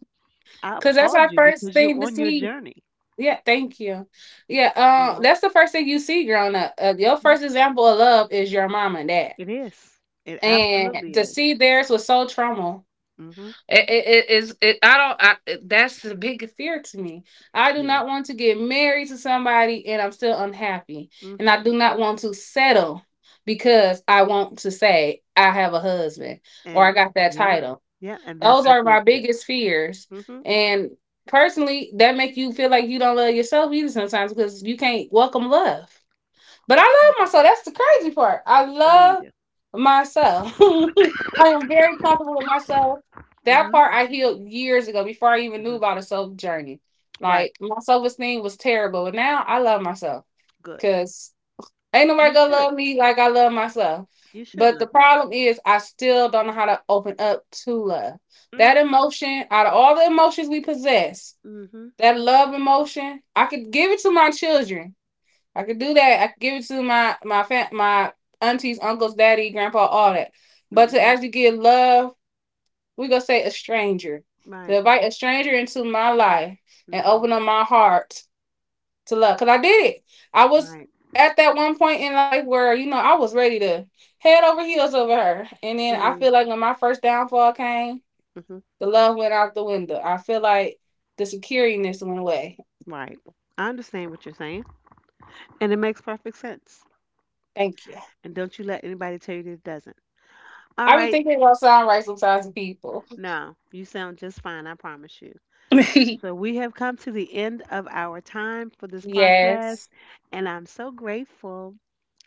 Speaker 1: I
Speaker 2: Cause that's
Speaker 1: applaud
Speaker 2: our
Speaker 1: you
Speaker 2: first
Speaker 1: because
Speaker 2: thing
Speaker 1: you're
Speaker 2: to
Speaker 1: on your
Speaker 2: see.
Speaker 1: journey.
Speaker 2: Yeah, thank you.
Speaker 1: You
Speaker 2: Yeah,
Speaker 1: know,
Speaker 2: that's the first thing you see growing up. Your
Speaker 1: mhm.
Speaker 2: first example of love is your mom and dad,
Speaker 1: It is. It
Speaker 2: and
Speaker 1: absolutely
Speaker 2: to
Speaker 1: is.
Speaker 2: see theirs was so trauma.
Speaker 1: hmm
Speaker 2: It is. I don't. That's the big fear to me. I do
Speaker 1: Yeah.
Speaker 2: not want to get married to somebody and I'm still unhappy, and
Speaker 1: hmm
Speaker 2: I do not want to settle because I want to say I have a husband or I
Speaker 1: And
Speaker 2: got that
Speaker 1: yeah,
Speaker 2: title.
Speaker 1: yeah. And that's
Speaker 2: Those
Speaker 1: how
Speaker 2: are
Speaker 1: they
Speaker 2: my
Speaker 1: feel.
Speaker 2: biggest fears.
Speaker 1: hmm
Speaker 2: And personally, that make you feel like you don't love yourself either sometimes because you can't welcome love. But I love myself. That's the crazy part. I
Speaker 1: I know you
Speaker 2: love
Speaker 1: do.
Speaker 2: myself. [LAUGHS] I am very comfortable with myself. That
Speaker 1: hmm
Speaker 2: part I healed years ago before I even knew
Speaker 1: hmm
Speaker 2: about a self journey. Like
Speaker 1: Right.
Speaker 2: my self esteem was terrible. And now I love myself.
Speaker 1: Good.
Speaker 2: Because. Ain't nobody
Speaker 1: You
Speaker 2: gonna
Speaker 1: should.
Speaker 2: love me like I love myself.
Speaker 1: You should
Speaker 2: But the
Speaker 1: love yourself.
Speaker 2: problem is, I still don't know how to open up to love. That
Speaker 1: hmm
Speaker 2: emotion, out of all the emotions we possess,
Speaker 1: hmm
Speaker 2: that love emotion, I could give it to my children. I could do that. I could give it to my aunties, uncles, daddy, grandpa, all that. But to
Speaker 1: hmm
Speaker 2: actually give love, we gonna say a stranger. To
Speaker 1: Right.
Speaker 2: invite a stranger into my life and
Speaker 1: hmm
Speaker 2: open up my heart to love. Cause I did it. I was
Speaker 1: Right.
Speaker 2: at that one point in life where, you know, I was ready to head over heels over her. And then I
Speaker 1: Mm-hmm.
Speaker 2: feel like when my first downfall came, the love went out the window. I feel like the securiness went away.
Speaker 1: Right. I understand what you're saying, and it makes perfect sense.
Speaker 2: Thank you.
Speaker 1: And don't you let anybody tell you that it doesn't. All
Speaker 2: I be
Speaker 1: right.
Speaker 2: thinking about sound right sometimes to people.
Speaker 1: No, you sound just fine, I promise you. So,
Speaker 2: [LAUGHS]
Speaker 1: we have come to the end of our time for this podcast,
Speaker 2: Yes.
Speaker 1: and I'm so grateful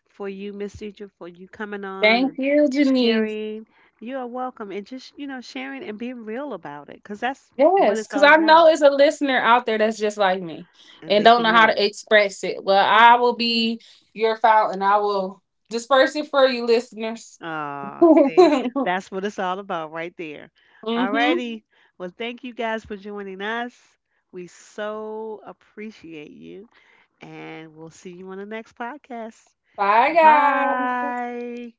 Speaker 1: for you, Miss Teacher, for you coming on
Speaker 2: Thank
Speaker 1: and
Speaker 2: you, Janice.
Speaker 1: sharing. You are welcome, and just, you know, sharing and being real about it because that's what
Speaker 2: Yes,
Speaker 1: it's
Speaker 2: because
Speaker 1: all
Speaker 2: I know
Speaker 1: about,
Speaker 2: it's a listener out there that's just like me
Speaker 1: and
Speaker 2: and
Speaker 1: they
Speaker 2: don't
Speaker 1: can
Speaker 2: know how
Speaker 1: relate.
Speaker 2: to express it. Well, I
Speaker 1: Mhm.
Speaker 2: will be your fountain. I will disperse it for you, listeners.
Speaker 1: Ah, see,
Speaker 2: [LAUGHS]
Speaker 1: that's what it's all about right there. All
Speaker 2: hmm
Speaker 1: righty. Well, thank you guys for joining us. We so appreciate you, and we'll see you on the next podcast.
Speaker 2: Bye,
Speaker 1: Bye
Speaker 2: guys.
Speaker 1: bye.